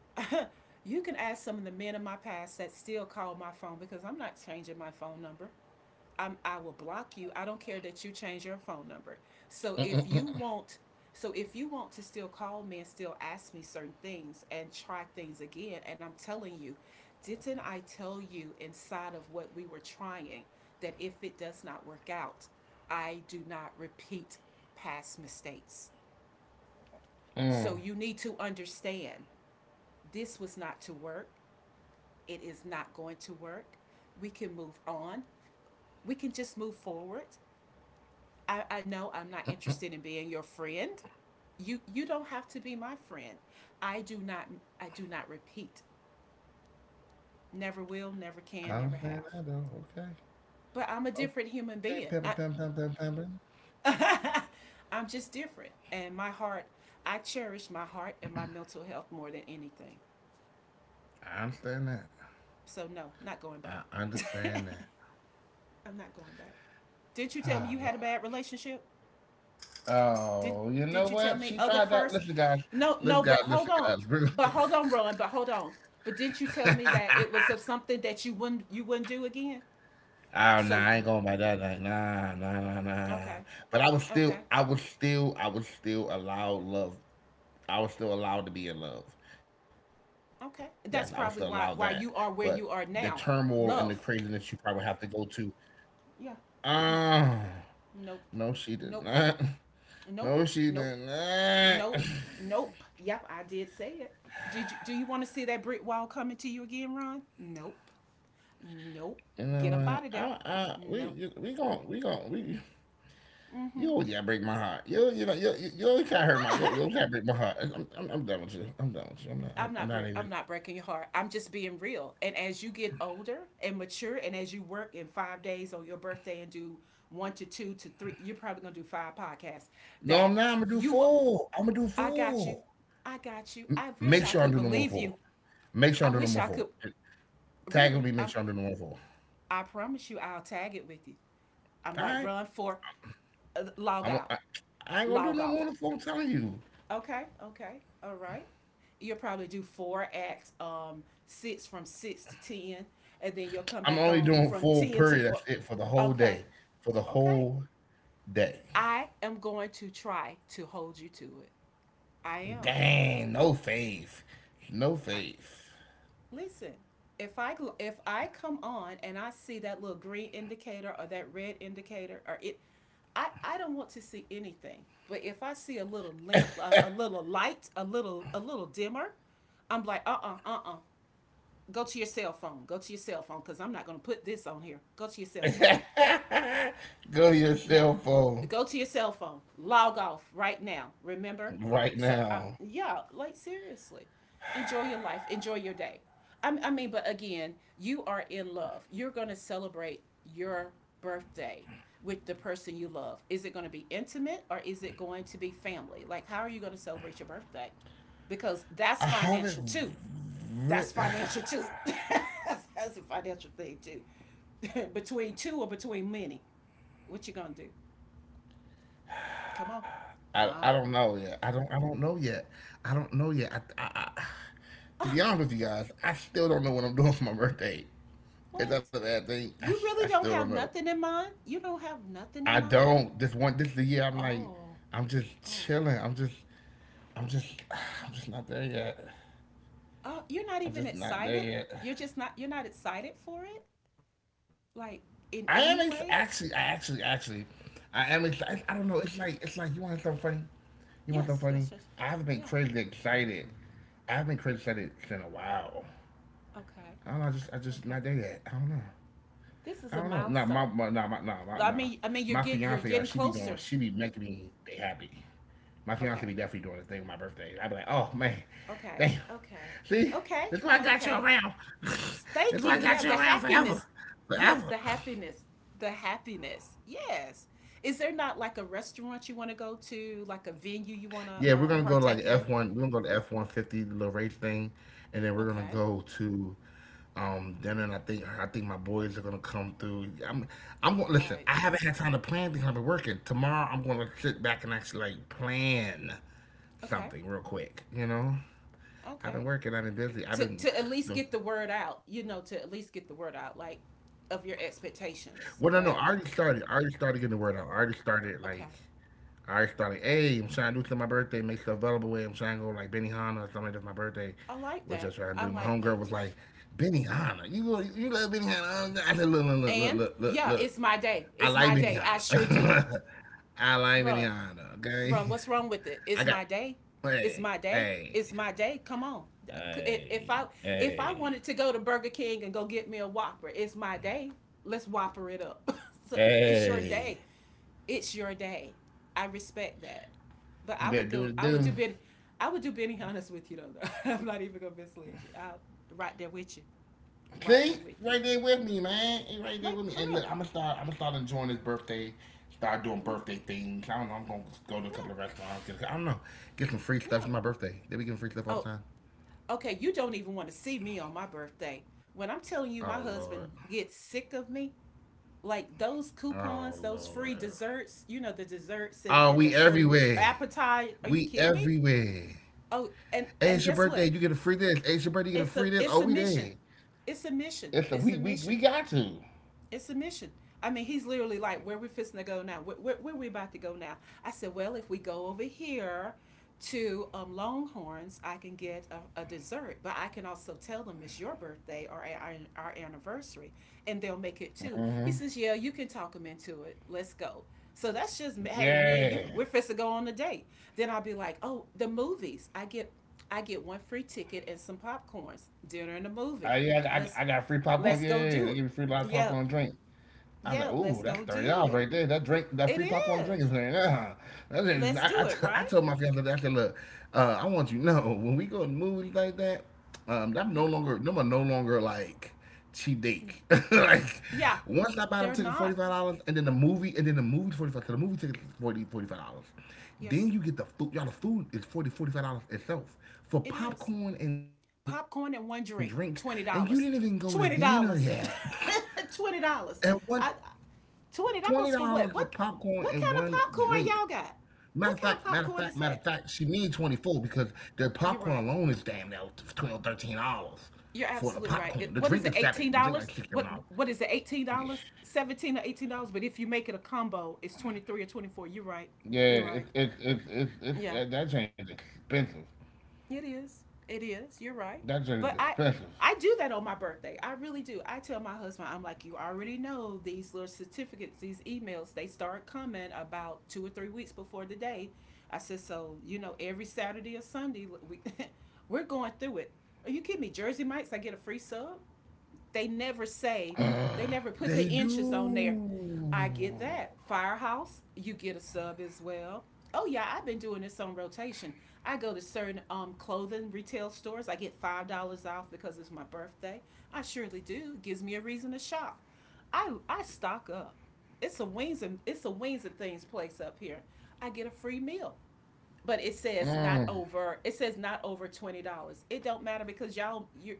Speaker 2: <laughs> you can ask some of the men in my past that still call my phone because I'm not changing my phone number. I'm, I will block you. I don't care that you change your phone number. So if you want, so if you want to still call me and still ask me certain things and try things again, and I'm telling you, didn't I tell you inside of what we were trying that if it does not work out, I do not repeat past mistakes. So
Speaker 1: Mm.
Speaker 2: you need to understand, this was not to work, it is not going to work. We can move on. We can just move forward. I, I know I'm not interested in being your friend. You you don't have to be my friend. I do not I do not repeat. Never will, never can,
Speaker 1: I
Speaker 2: never have.
Speaker 1: understand that though. Okay.
Speaker 2: But I'm a different
Speaker 1: Okay.
Speaker 2: human
Speaker 1: Pepper. Pam.
Speaker 2: being.
Speaker 1: Pam.
Speaker 2: I,
Speaker 1: Pam. Pam.
Speaker 2: <laughs> I'm just different. And my heart, I cherish my heart and my mental health more than anything.
Speaker 1: I understand that.
Speaker 2: So no, not going
Speaker 1: I
Speaker 2: back.
Speaker 1: understand that.
Speaker 2: <laughs>
Speaker 1: <sighs>
Speaker 2: I'm not going back. Didn't you tell
Speaker 1: Oh
Speaker 2: me you
Speaker 1: Lord.
Speaker 2: had a bad relationship? Did
Speaker 1: Oh, you know
Speaker 2: did you
Speaker 1: what?
Speaker 2: tell
Speaker 1: She
Speaker 2: me? Oh, the
Speaker 1: tried that.
Speaker 2: first.
Speaker 1: Listen, guys.
Speaker 2: No,
Speaker 1: Listen,
Speaker 2: no,
Speaker 1: guys.
Speaker 2: but hold
Speaker 1: Listen,
Speaker 2: on,
Speaker 1: guys. Bring-
Speaker 2: but hold on, Rowan, but hold on. But didn't you
Speaker 1: <laughs>
Speaker 2: tell me that it
Speaker 1: oh,
Speaker 2: was of something that you wouldn't you wouldn't do again?
Speaker 1: nah,
Speaker 2: So,
Speaker 1: I ain't going by that. Like, nah, nah, nah, nah.
Speaker 2: okay,
Speaker 1: But I was still,
Speaker 2: okay,
Speaker 1: I was still, I was still allowed love. I was still allowed to be in love. Yes, I was still allowed
Speaker 2: okay.
Speaker 1: that.
Speaker 2: That's
Speaker 1: But
Speaker 2: probably why
Speaker 1: the
Speaker 2: why you are where
Speaker 1: turmoil and
Speaker 2: you
Speaker 1: the
Speaker 2: are now.
Speaker 1: craziness you probably have to
Speaker 2: Love.
Speaker 1: go to.
Speaker 2: Yeah.
Speaker 1: Oh,
Speaker 2: No.
Speaker 1: no, she did
Speaker 2: Nope.
Speaker 1: not. <laughs>
Speaker 2: Nope.
Speaker 1: No, she did
Speaker 2: Nope. Nope.
Speaker 1: not. <laughs>
Speaker 2: Nope. Nope. Yep, I did say it. Did you do you want to see that brick wall coming to you again, Ron? Nope. Nope.
Speaker 1: You
Speaker 2: Get
Speaker 1: know what?
Speaker 2: up out of
Speaker 1: I,
Speaker 2: there.
Speaker 1: I, we,
Speaker 2: Nope.
Speaker 1: you- we gon' we gon' we. You always gotta break my heart. You you know you you, you always gotta hurt my you, you always gotta break my heart. I'm, I'm I'm done with you. I'm done with you. I'm not I'm,
Speaker 2: I'm
Speaker 1: I'm
Speaker 2: not
Speaker 1: not even.
Speaker 2: I'm not breaking your heart. I'm just being real. And as you get older and mature, and as you work in five days on your birthday and do one to two to three, you're probably gonna do five podcasts.
Speaker 1: No, I'm
Speaker 2: That
Speaker 1: not. I'm gonna do
Speaker 2: you will.
Speaker 1: four. I'm gonna do
Speaker 2: I got you.
Speaker 1: four.
Speaker 2: I got you. I wish
Speaker 1: Make
Speaker 2: I
Speaker 1: sure I
Speaker 2: could
Speaker 1: do number
Speaker 2: believe you.
Speaker 1: four. Make sure I
Speaker 2: I
Speaker 1: do
Speaker 2: wish
Speaker 1: number
Speaker 2: I
Speaker 1: four.
Speaker 2: could.
Speaker 1: Tag will
Speaker 2: Really,
Speaker 1: be make
Speaker 2: I'm.
Speaker 1: sure I do number four.
Speaker 2: I promise you, I'll tag it with you. I'm
Speaker 1: All
Speaker 2: like
Speaker 1: right.
Speaker 2: run for uh, log
Speaker 1: I'm
Speaker 2: out,
Speaker 1: I, I ain't gonna do
Speaker 2: log
Speaker 1: no more
Speaker 2: off.
Speaker 1: than four. I'm telling you.
Speaker 2: Okay, okay, all right. You'll probably do four acts, um, six from six to ten, and then you'll come
Speaker 1: I'm
Speaker 2: back
Speaker 1: only
Speaker 2: on
Speaker 1: doing
Speaker 2: from
Speaker 1: four.
Speaker 2: ten to
Speaker 1: Period.
Speaker 2: four.
Speaker 1: That's it for the whole
Speaker 2: Okay,
Speaker 1: day. For the
Speaker 2: okay.
Speaker 1: whole day.
Speaker 2: I am going to try to hold you to it. I am.
Speaker 1: Dang. No faith. No
Speaker 2: I,
Speaker 1: faith.
Speaker 2: listen, if I if I come on and I see that little green indicator or that red indicator or it, I I don't want to see anything. But if I see a little lamp, a, a little light, a little a little dimmer, I'm like, uh uh-uh, uh, go to your cell phone. Go to your cell phone because I'm not going to put this on here. Go to your cell phone.
Speaker 1: <laughs> Go to your
Speaker 2: Yeah.
Speaker 1: cell phone.
Speaker 2: Go to your cell phone. Log off right now. Remember?
Speaker 1: Right
Speaker 2: So, I,
Speaker 1: now.
Speaker 2: yeah, like, seriously. Enjoy your life. Enjoy your day. I, I mean, but again, you are in love. You're going to celebrate your birthday with the person you love? Is it going to be intimate or is it going to be family? Like, how are you going to celebrate your birthday? Because that's
Speaker 1: I
Speaker 2: financial
Speaker 1: haven't
Speaker 2: too,
Speaker 1: re-
Speaker 2: that's financial too. <laughs> That's a financial thing too. <laughs> Between two or between many, what you gonna do? Come on.
Speaker 1: I, I
Speaker 2: Ah,
Speaker 1: don't know yet. I don't I don't know yet. I don't know yet. I, I, I, to
Speaker 2: ah,
Speaker 1: be honest with you guys, I still don't know what I'm <laughs> doing for my birthday. Is that
Speaker 2: what?
Speaker 1: a bad thing? I,
Speaker 2: You
Speaker 1: I
Speaker 2: really
Speaker 1: still
Speaker 2: don't
Speaker 1: don't
Speaker 2: have
Speaker 1: know.
Speaker 2: nothing in mind? You don't have nothing
Speaker 1: I
Speaker 2: in mind?
Speaker 1: don't. This one this is the year I'm like
Speaker 2: Oh,
Speaker 1: I'm just
Speaker 2: oh,
Speaker 1: chilling. I'm just I'm just <sighs>
Speaker 2: what?
Speaker 1: I'm just not there yet.
Speaker 2: Oh, you're not
Speaker 1: I'm
Speaker 2: even
Speaker 1: just not there
Speaker 2: excited.
Speaker 1: yet.
Speaker 2: You're just not. You're not excited for it, like, in
Speaker 1: I am
Speaker 2: any
Speaker 1: ex-
Speaker 2: way.
Speaker 1: actually, I actually, actually, I am excited. I don't know. It's like, it's like you want something funny. You want
Speaker 2: Yes,
Speaker 1: something
Speaker 2: yes,
Speaker 1: funny.
Speaker 2: yes.
Speaker 1: I've
Speaker 2: Yeah.
Speaker 1: been crazy excited. I've been crazy excited in a while.
Speaker 2: Okay.
Speaker 1: I don't know. I just, I just
Speaker 2: Okay.
Speaker 1: not there yet. I don't know.
Speaker 2: This is a
Speaker 1: I don't know. Nah,
Speaker 2: milestone.
Speaker 1: my, my nah, my, nah,
Speaker 2: I
Speaker 1: my, nah.
Speaker 2: mean, I mean, you're
Speaker 1: My
Speaker 2: get you're
Speaker 1: fiance,
Speaker 2: getting
Speaker 1: uh, she be
Speaker 2: closer.
Speaker 1: doing, she be making me they happy. My
Speaker 2: Okay.
Speaker 1: fiance be definitely doing the thing with my birthday. I be like, oh man,
Speaker 2: Okay.
Speaker 1: damn.
Speaker 2: Okay.
Speaker 1: See,
Speaker 2: Okay.
Speaker 1: that's why I got you
Speaker 2: Okay.
Speaker 1: around. <laughs>
Speaker 2: Thank
Speaker 1: That's
Speaker 2: you.
Speaker 1: why I
Speaker 2: Yeah,
Speaker 1: got you
Speaker 2: the
Speaker 1: around
Speaker 2: happiness.
Speaker 1: forever,
Speaker 2: Yes, the
Speaker 1: forever.
Speaker 2: happiness. The happiness. Yes. Is there not like a restaurant you want to go to, like a venue you want to
Speaker 1: Yeah, we're
Speaker 2: um,
Speaker 1: gonna go to like
Speaker 2: partake in?
Speaker 1: F one. We're gonna go to F one fifty, the little race thing, and then we're gonna
Speaker 2: Okay.
Speaker 1: go to um dinner. And I think I think my boys are gonna come through. I'm I'm
Speaker 2: All
Speaker 1: gonna listen.
Speaker 2: right.
Speaker 1: I haven't had time to plan things. I've been working. Tomorrow I'm gonna sit back and actually like plan
Speaker 2: Okay.
Speaker 1: something real quick. You know, I've
Speaker 2: Okay.
Speaker 1: been working. I've been busy. I've
Speaker 2: To
Speaker 1: been
Speaker 2: to at least
Speaker 1: no.
Speaker 2: get the word out, you know, to at least get the word out like of
Speaker 1: Well,
Speaker 2: your
Speaker 1: no, no. I already started. I
Speaker 2: expectations,
Speaker 1: already started
Speaker 2: right?
Speaker 1: getting the word out. I already started like I
Speaker 2: Okay.
Speaker 1: start like, hey, I'm trying to do something for my birthday, make stuff available with. I'm trying to go like Benihana or something like that for my birthday, which
Speaker 2: I
Speaker 1: I
Speaker 2: like
Speaker 1: trying to do. My
Speaker 2: that. I
Speaker 1: homegirl was
Speaker 2: like
Speaker 1: like,
Speaker 2: that.
Speaker 1: Benihana. You go- you love Benihana? I said, look, look, look, look, look,
Speaker 2: And
Speaker 1: look, look.
Speaker 2: yeah, it's my
Speaker 1: I
Speaker 2: day.
Speaker 1: like
Speaker 2: It's my day. I sure do.
Speaker 1: Benihana. <laughs> I like
Speaker 2: Run.
Speaker 1: Benihana, okay?
Speaker 2: Run, what's wrong with it?
Speaker 1: I got,
Speaker 2: It's my day.
Speaker 1: Hey,
Speaker 2: It's my day.
Speaker 1: hey,
Speaker 2: It's my day. Come on. If- I
Speaker 1: hey,
Speaker 2: if I
Speaker 1: hey,
Speaker 2: wanted to go to Burger King and go get me a Whopper, it's my day. Let's Whopper it up. <laughs> So it's your
Speaker 1: hey.
Speaker 2: day. It's your day. I respect that, but
Speaker 1: You
Speaker 2: I would
Speaker 1: better do
Speaker 2: go.
Speaker 1: what it
Speaker 2: I would
Speaker 1: do.
Speaker 2: do Ben. I would do Benny honest with you though. <laughs> I'm not even gonna mislead you. I'm right there with you. Right
Speaker 1: See,
Speaker 2: there with you.
Speaker 1: right there with me, man. He right there
Speaker 2: Like,
Speaker 1: with me.
Speaker 2: for
Speaker 1: And look,
Speaker 2: real.
Speaker 1: I'm gonna start. I'm gonna start enjoying his birthday. Start doing
Speaker 2: Yeah.
Speaker 1: birthday things. I don't know. I'm gonna go to a
Speaker 2: Yeah.
Speaker 1: couple of restaurants. Get a, I don't know. Get some free stuff.
Speaker 2: Yeah.
Speaker 1: It's my birthday. They be getting free stuff all the
Speaker 2: Oh,
Speaker 1: time.
Speaker 2: okay, you don't even want to see me on my birthday. When I'm telling you
Speaker 1: Oh
Speaker 2: my
Speaker 1: Lord.
Speaker 2: husband gets sick of me, like those
Speaker 1: Oh
Speaker 2: coupons, those
Speaker 1: Lord.
Speaker 2: free desserts, you know, the desserts and,
Speaker 1: Oh,
Speaker 2: and the
Speaker 1: we
Speaker 2: certain
Speaker 1: everywhere.
Speaker 2: appetite. Are you
Speaker 1: We
Speaker 2: kidding me?
Speaker 1: everywhere.
Speaker 2: Oh, and,
Speaker 1: Hey,
Speaker 2: and
Speaker 1: it's your
Speaker 2: guess
Speaker 1: birthday.
Speaker 2: what?
Speaker 1: You get a free this. Hey, it's your birthday. You get a
Speaker 2: It's a
Speaker 1: free this.
Speaker 2: it's
Speaker 1: Oh,
Speaker 2: a
Speaker 1: we
Speaker 2: mission.
Speaker 1: there.
Speaker 2: It's a mission.
Speaker 1: It's a
Speaker 2: It's
Speaker 1: we
Speaker 2: a
Speaker 1: we
Speaker 2: mission.
Speaker 1: we got to.
Speaker 2: It's a mission. I mean, he's literally like, where we fixing to go now? Where, where, where we about to go now? I said, well, if we go over here to um, Longhorns, I can get a, a dessert, but I can also tell them it's your birthday or our, our anniversary, and they'll make it too.
Speaker 1: Hmm.
Speaker 2: He says, yeah, you can talk them into it. Let's go. So that's just, hey, me and you,
Speaker 1: Yeah.
Speaker 2: we're fixing to go on a date. Then I'll be like, oh, the movies. I get I get one free ticket and some popcorns, dinner and a movie.
Speaker 1: I, yeah,
Speaker 2: Let's
Speaker 1: I, I got free popcorn.
Speaker 2: let's go
Speaker 1: Yeah,
Speaker 2: do
Speaker 1: they
Speaker 2: it.
Speaker 1: give me free lot of
Speaker 2: Yeah,
Speaker 1: popcorn and drink. I was
Speaker 2: yeah,
Speaker 1: like,
Speaker 2: let's
Speaker 1: ooh, that's
Speaker 2: go
Speaker 1: thirty
Speaker 2: do
Speaker 1: dollars
Speaker 2: it.
Speaker 1: right there. That drink, that
Speaker 2: It
Speaker 1: free popcorn drink is
Speaker 2: is.
Speaker 1: there. Yeah. That's it.
Speaker 2: Let's
Speaker 1: I, I,
Speaker 2: do it,
Speaker 1: t- I
Speaker 2: right?
Speaker 1: told my fiance that I said, look, uh, I want you to know when we go to movies like that, um, I'm no
Speaker 2: Yeah,
Speaker 1: longer, no, I'm no longer like cheap
Speaker 2: yeah.
Speaker 1: date. <laughs> Like
Speaker 2: Yeah,
Speaker 1: once I buy them
Speaker 2: they're
Speaker 1: ticket forty
Speaker 2: not.
Speaker 1: five dollars, and then the movie, and then the movie forty five. So the movie ticket is 40 forty five dollars. Then
Speaker 2: Yes,
Speaker 1: you get the food. Y'all, the food is forty forty five dollars itself for
Speaker 2: it is.
Speaker 1: popcorn and drink, and you
Speaker 2: Popcorn and
Speaker 1: didn't
Speaker 2: one
Speaker 1: even go
Speaker 2: drink,
Speaker 1: to dinner
Speaker 2: twenty dollars.
Speaker 1: yet. <laughs>
Speaker 2: Dollars. twenty dollars. Dollars.
Speaker 1: And what?
Speaker 2: <laughs> twenty dollars. I,
Speaker 1: Twenty dollars for
Speaker 2: twenty dollars for
Speaker 1: popcorn
Speaker 2: what?
Speaker 1: and
Speaker 2: What
Speaker 1: one
Speaker 2: what
Speaker 1: drink.
Speaker 2: kind of popcorn y'all
Speaker 1: Matter of
Speaker 2: got?
Speaker 1: fact, matter of
Speaker 2: What
Speaker 1: fact,
Speaker 2: kind of
Speaker 1: matter of
Speaker 2: popcorn
Speaker 1: fact,
Speaker 2: is
Speaker 1: she
Speaker 2: that?
Speaker 1: means twenty four because the popcorn
Speaker 2: You're
Speaker 1: alone is
Speaker 2: right.
Speaker 1: damn near twelve, thirteen dollars for
Speaker 2: You're
Speaker 1: the
Speaker 2: absolutely
Speaker 1: popcorn. The
Speaker 2: right. It,
Speaker 1: drink is
Speaker 2: what is it?
Speaker 1: seven. The
Speaker 2: Eighteen
Speaker 1: drink like six,
Speaker 2: dollars?
Speaker 1: seven dollars.
Speaker 2: What what is it? Eighteen dollars? Seventeen dollars or eighteen dollars? But if you make it a combo, it's twenty three or twenty four. You're right.
Speaker 1: Yeah,
Speaker 2: You're right.
Speaker 1: it's it's it's it's, it's
Speaker 2: Yeah.
Speaker 1: that, that joint is expensive.
Speaker 2: It is. It is. You're right.
Speaker 1: That joint is
Speaker 2: But I
Speaker 1: expensive.
Speaker 2: I do that on my birthday. I really do. I tell my husband, I'm like, you already know these little certificates, these emails, they start coming about two or three weeks before the day. I said, so you know, every Saturday or Sunday we <laughs> we're going through it. Are you kidding me? Jersey Mike's, I get a free sub, they never say, they never
Speaker 1: <gasps> <sighs>
Speaker 2: put the
Speaker 1: They
Speaker 2: inches on there. I
Speaker 1: do.
Speaker 2: get that. Firehouse, you get a sub as well. Oh yeah, I've been doing this on rotation. I go to certain um clothing retail stores. I get five dollars off because it's my birthday. I surely do. It gives me a reason to shop. I I stock up. It's a wings and it's a wings and things place up here. I get a free meal, but it says not
Speaker 1: Mm.
Speaker 2: over, it says not over twenty dollars. It don't matter because y'all, you,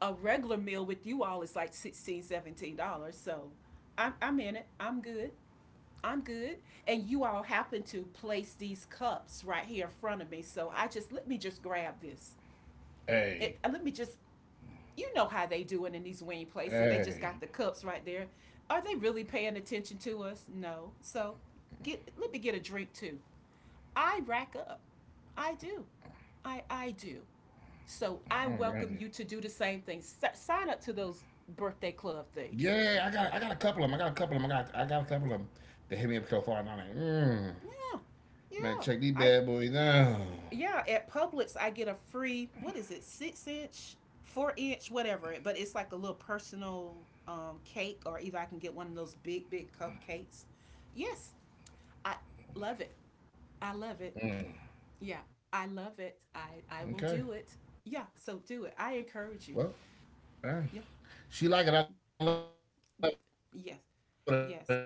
Speaker 2: a regular meal with you all is like sixteen, seventeen dollars, so I'm, I'm in it, I'm good, I'm good. And you all happen to place these cups right here in front of me, so I just, let me just grab this
Speaker 1: Hey,
Speaker 2: it uh, let me just, you know how they do it in these wing places, they just got
Speaker 1: hey,
Speaker 2: the cups right there. Are they really paying attention to us? No, so get, let me get a drink too. I rack up. I do. I I do. So I
Speaker 1: I don't
Speaker 2: welcome
Speaker 1: blame.
Speaker 2: you to do the same thing. S- sign up to those birthday club things.
Speaker 1: Yeah, I got I got a couple of them. I got a couple of them. I got I got a couple
Speaker 2: Yeah,
Speaker 1: of them that hit me up so far, and I'm like, mm,
Speaker 2: yeah,
Speaker 1: man,
Speaker 2: yeah.
Speaker 1: check these
Speaker 2: I,
Speaker 1: bad boys out.
Speaker 2: yeah. At Publix, I get a free, what is it? Six inch, four inch, whatever. But it's like a little personal um, cake, or either I can get one of those big big cupcakes. Yes, I love it. I love it. Yeah, I love it. I I will do it. Yeah. So do it. I encourage you. Yeah.
Speaker 1: Okay, well,
Speaker 2: Yes.
Speaker 1: all right.
Speaker 2: Yes.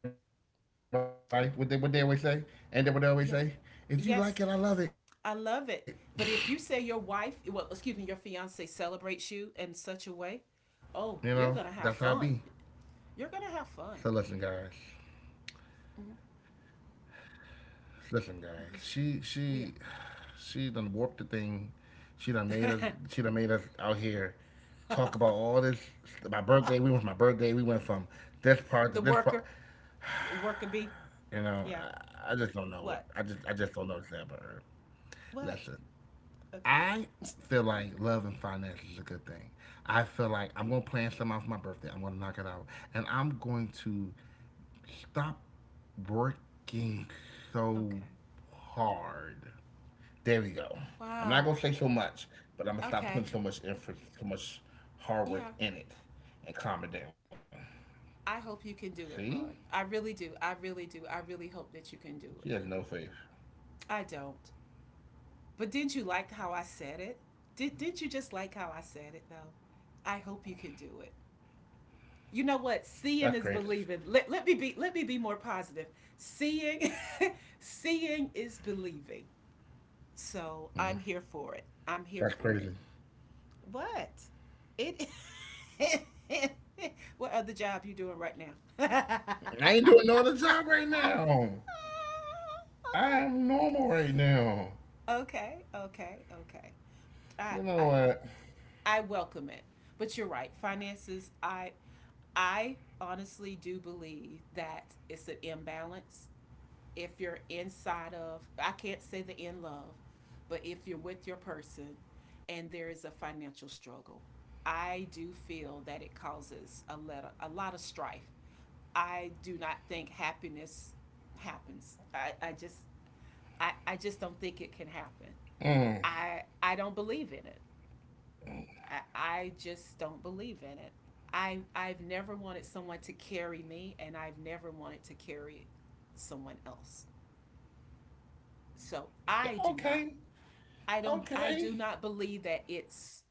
Speaker 1: She like it. I love it. Everybody, what they what they always say, and then what they always
Speaker 2: Yeah.
Speaker 1: say, if you like it,
Speaker 2: Yes.
Speaker 1: I love it.
Speaker 2: I love it. But if you say your wife, well, excuse me, your fiance celebrates you in such a way,
Speaker 1: You know,
Speaker 2: oh, you're
Speaker 1: that's how I
Speaker 2: going to have
Speaker 1: be.
Speaker 2: fun.
Speaker 1: That's how I be.
Speaker 2: You're going to have fun.
Speaker 1: So listen, guys.
Speaker 2: Yeah.
Speaker 1: Listen, guys, she she she
Speaker 2: Yeah.
Speaker 1: done warped the thing. She done made us. She done made us out here talk about all this. My birthday. We went from my
Speaker 2: <laughs> The
Speaker 1: birthday. We
Speaker 2: worker,
Speaker 1: went from this part to
Speaker 2: worker
Speaker 1: this
Speaker 2: bee.
Speaker 1: part.
Speaker 2: Yeah.
Speaker 1: You know,
Speaker 2: What?
Speaker 1: I, I just don't know what. I just I just don't know what's
Speaker 2: What?
Speaker 1: happening.
Speaker 2: Okay.
Speaker 1: Listen, I feel like love and finance is a good thing.
Speaker 2: Okay.
Speaker 1: I feel like I'm gonna plan something out for my birthday. I'm gonna knock it out, and I'm going to stop working
Speaker 2: Okay.
Speaker 1: so hard. There we go. I'm not gonna
Speaker 2: Wow.
Speaker 1: say so much, but I'm gonna stop
Speaker 2: Okay.
Speaker 1: putting so much effort, so much hard work
Speaker 2: Yeah.
Speaker 1: in it, and calm it down.
Speaker 2: I hope you can do
Speaker 1: See,
Speaker 2: it, Ron. I really do. I really do. I really hope that you can do
Speaker 1: she has
Speaker 2: it.
Speaker 1: no faith.
Speaker 2: I don't. But didn't you like how I said it? Did, didn't you just like how I said it though? I hope you can do it. You know what? Seeing
Speaker 1: That's
Speaker 2: is
Speaker 1: crazy.
Speaker 2: believing. Let, let me be, let me be more positive. Seeing, <laughs> seeing is believing. So I'm here for it. I'm here
Speaker 1: That's
Speaker 2: for
Speaker 1: crazy.
Speaker 2: it. What? It <laughs> what other job you doing right now? <laughs> Okay.
Speaker 1: I ain't doing no other job right now. I am normal right now.
Speaker 2: Okay. Okay. Okay. I
Speaker 1: You
Speaker 2: I
Speaker 1: know what?
Speaker 2: I welcome it. But you're right. Finances, I I honestly do believe that it's an imbalance. If you're inside of, I can't say the in love, but if you're with your person and there is a financial struggle, I do feel that it causes a lot, a lot of strife. I do not think happiness happens. I, I just, I, I just don't think it can happen.
Speaker 1: Mm.
Speaker 2: I I don't believe in it. I, I just don't believe in it. I, I've never wanted someone to carry me, and I've never wanted to carry someone else. So I do not,
Speaker 1: Okay.
Speaker 2: I don't, I
Speaker 1: Okay.
Speaker 2: do not believe that it's,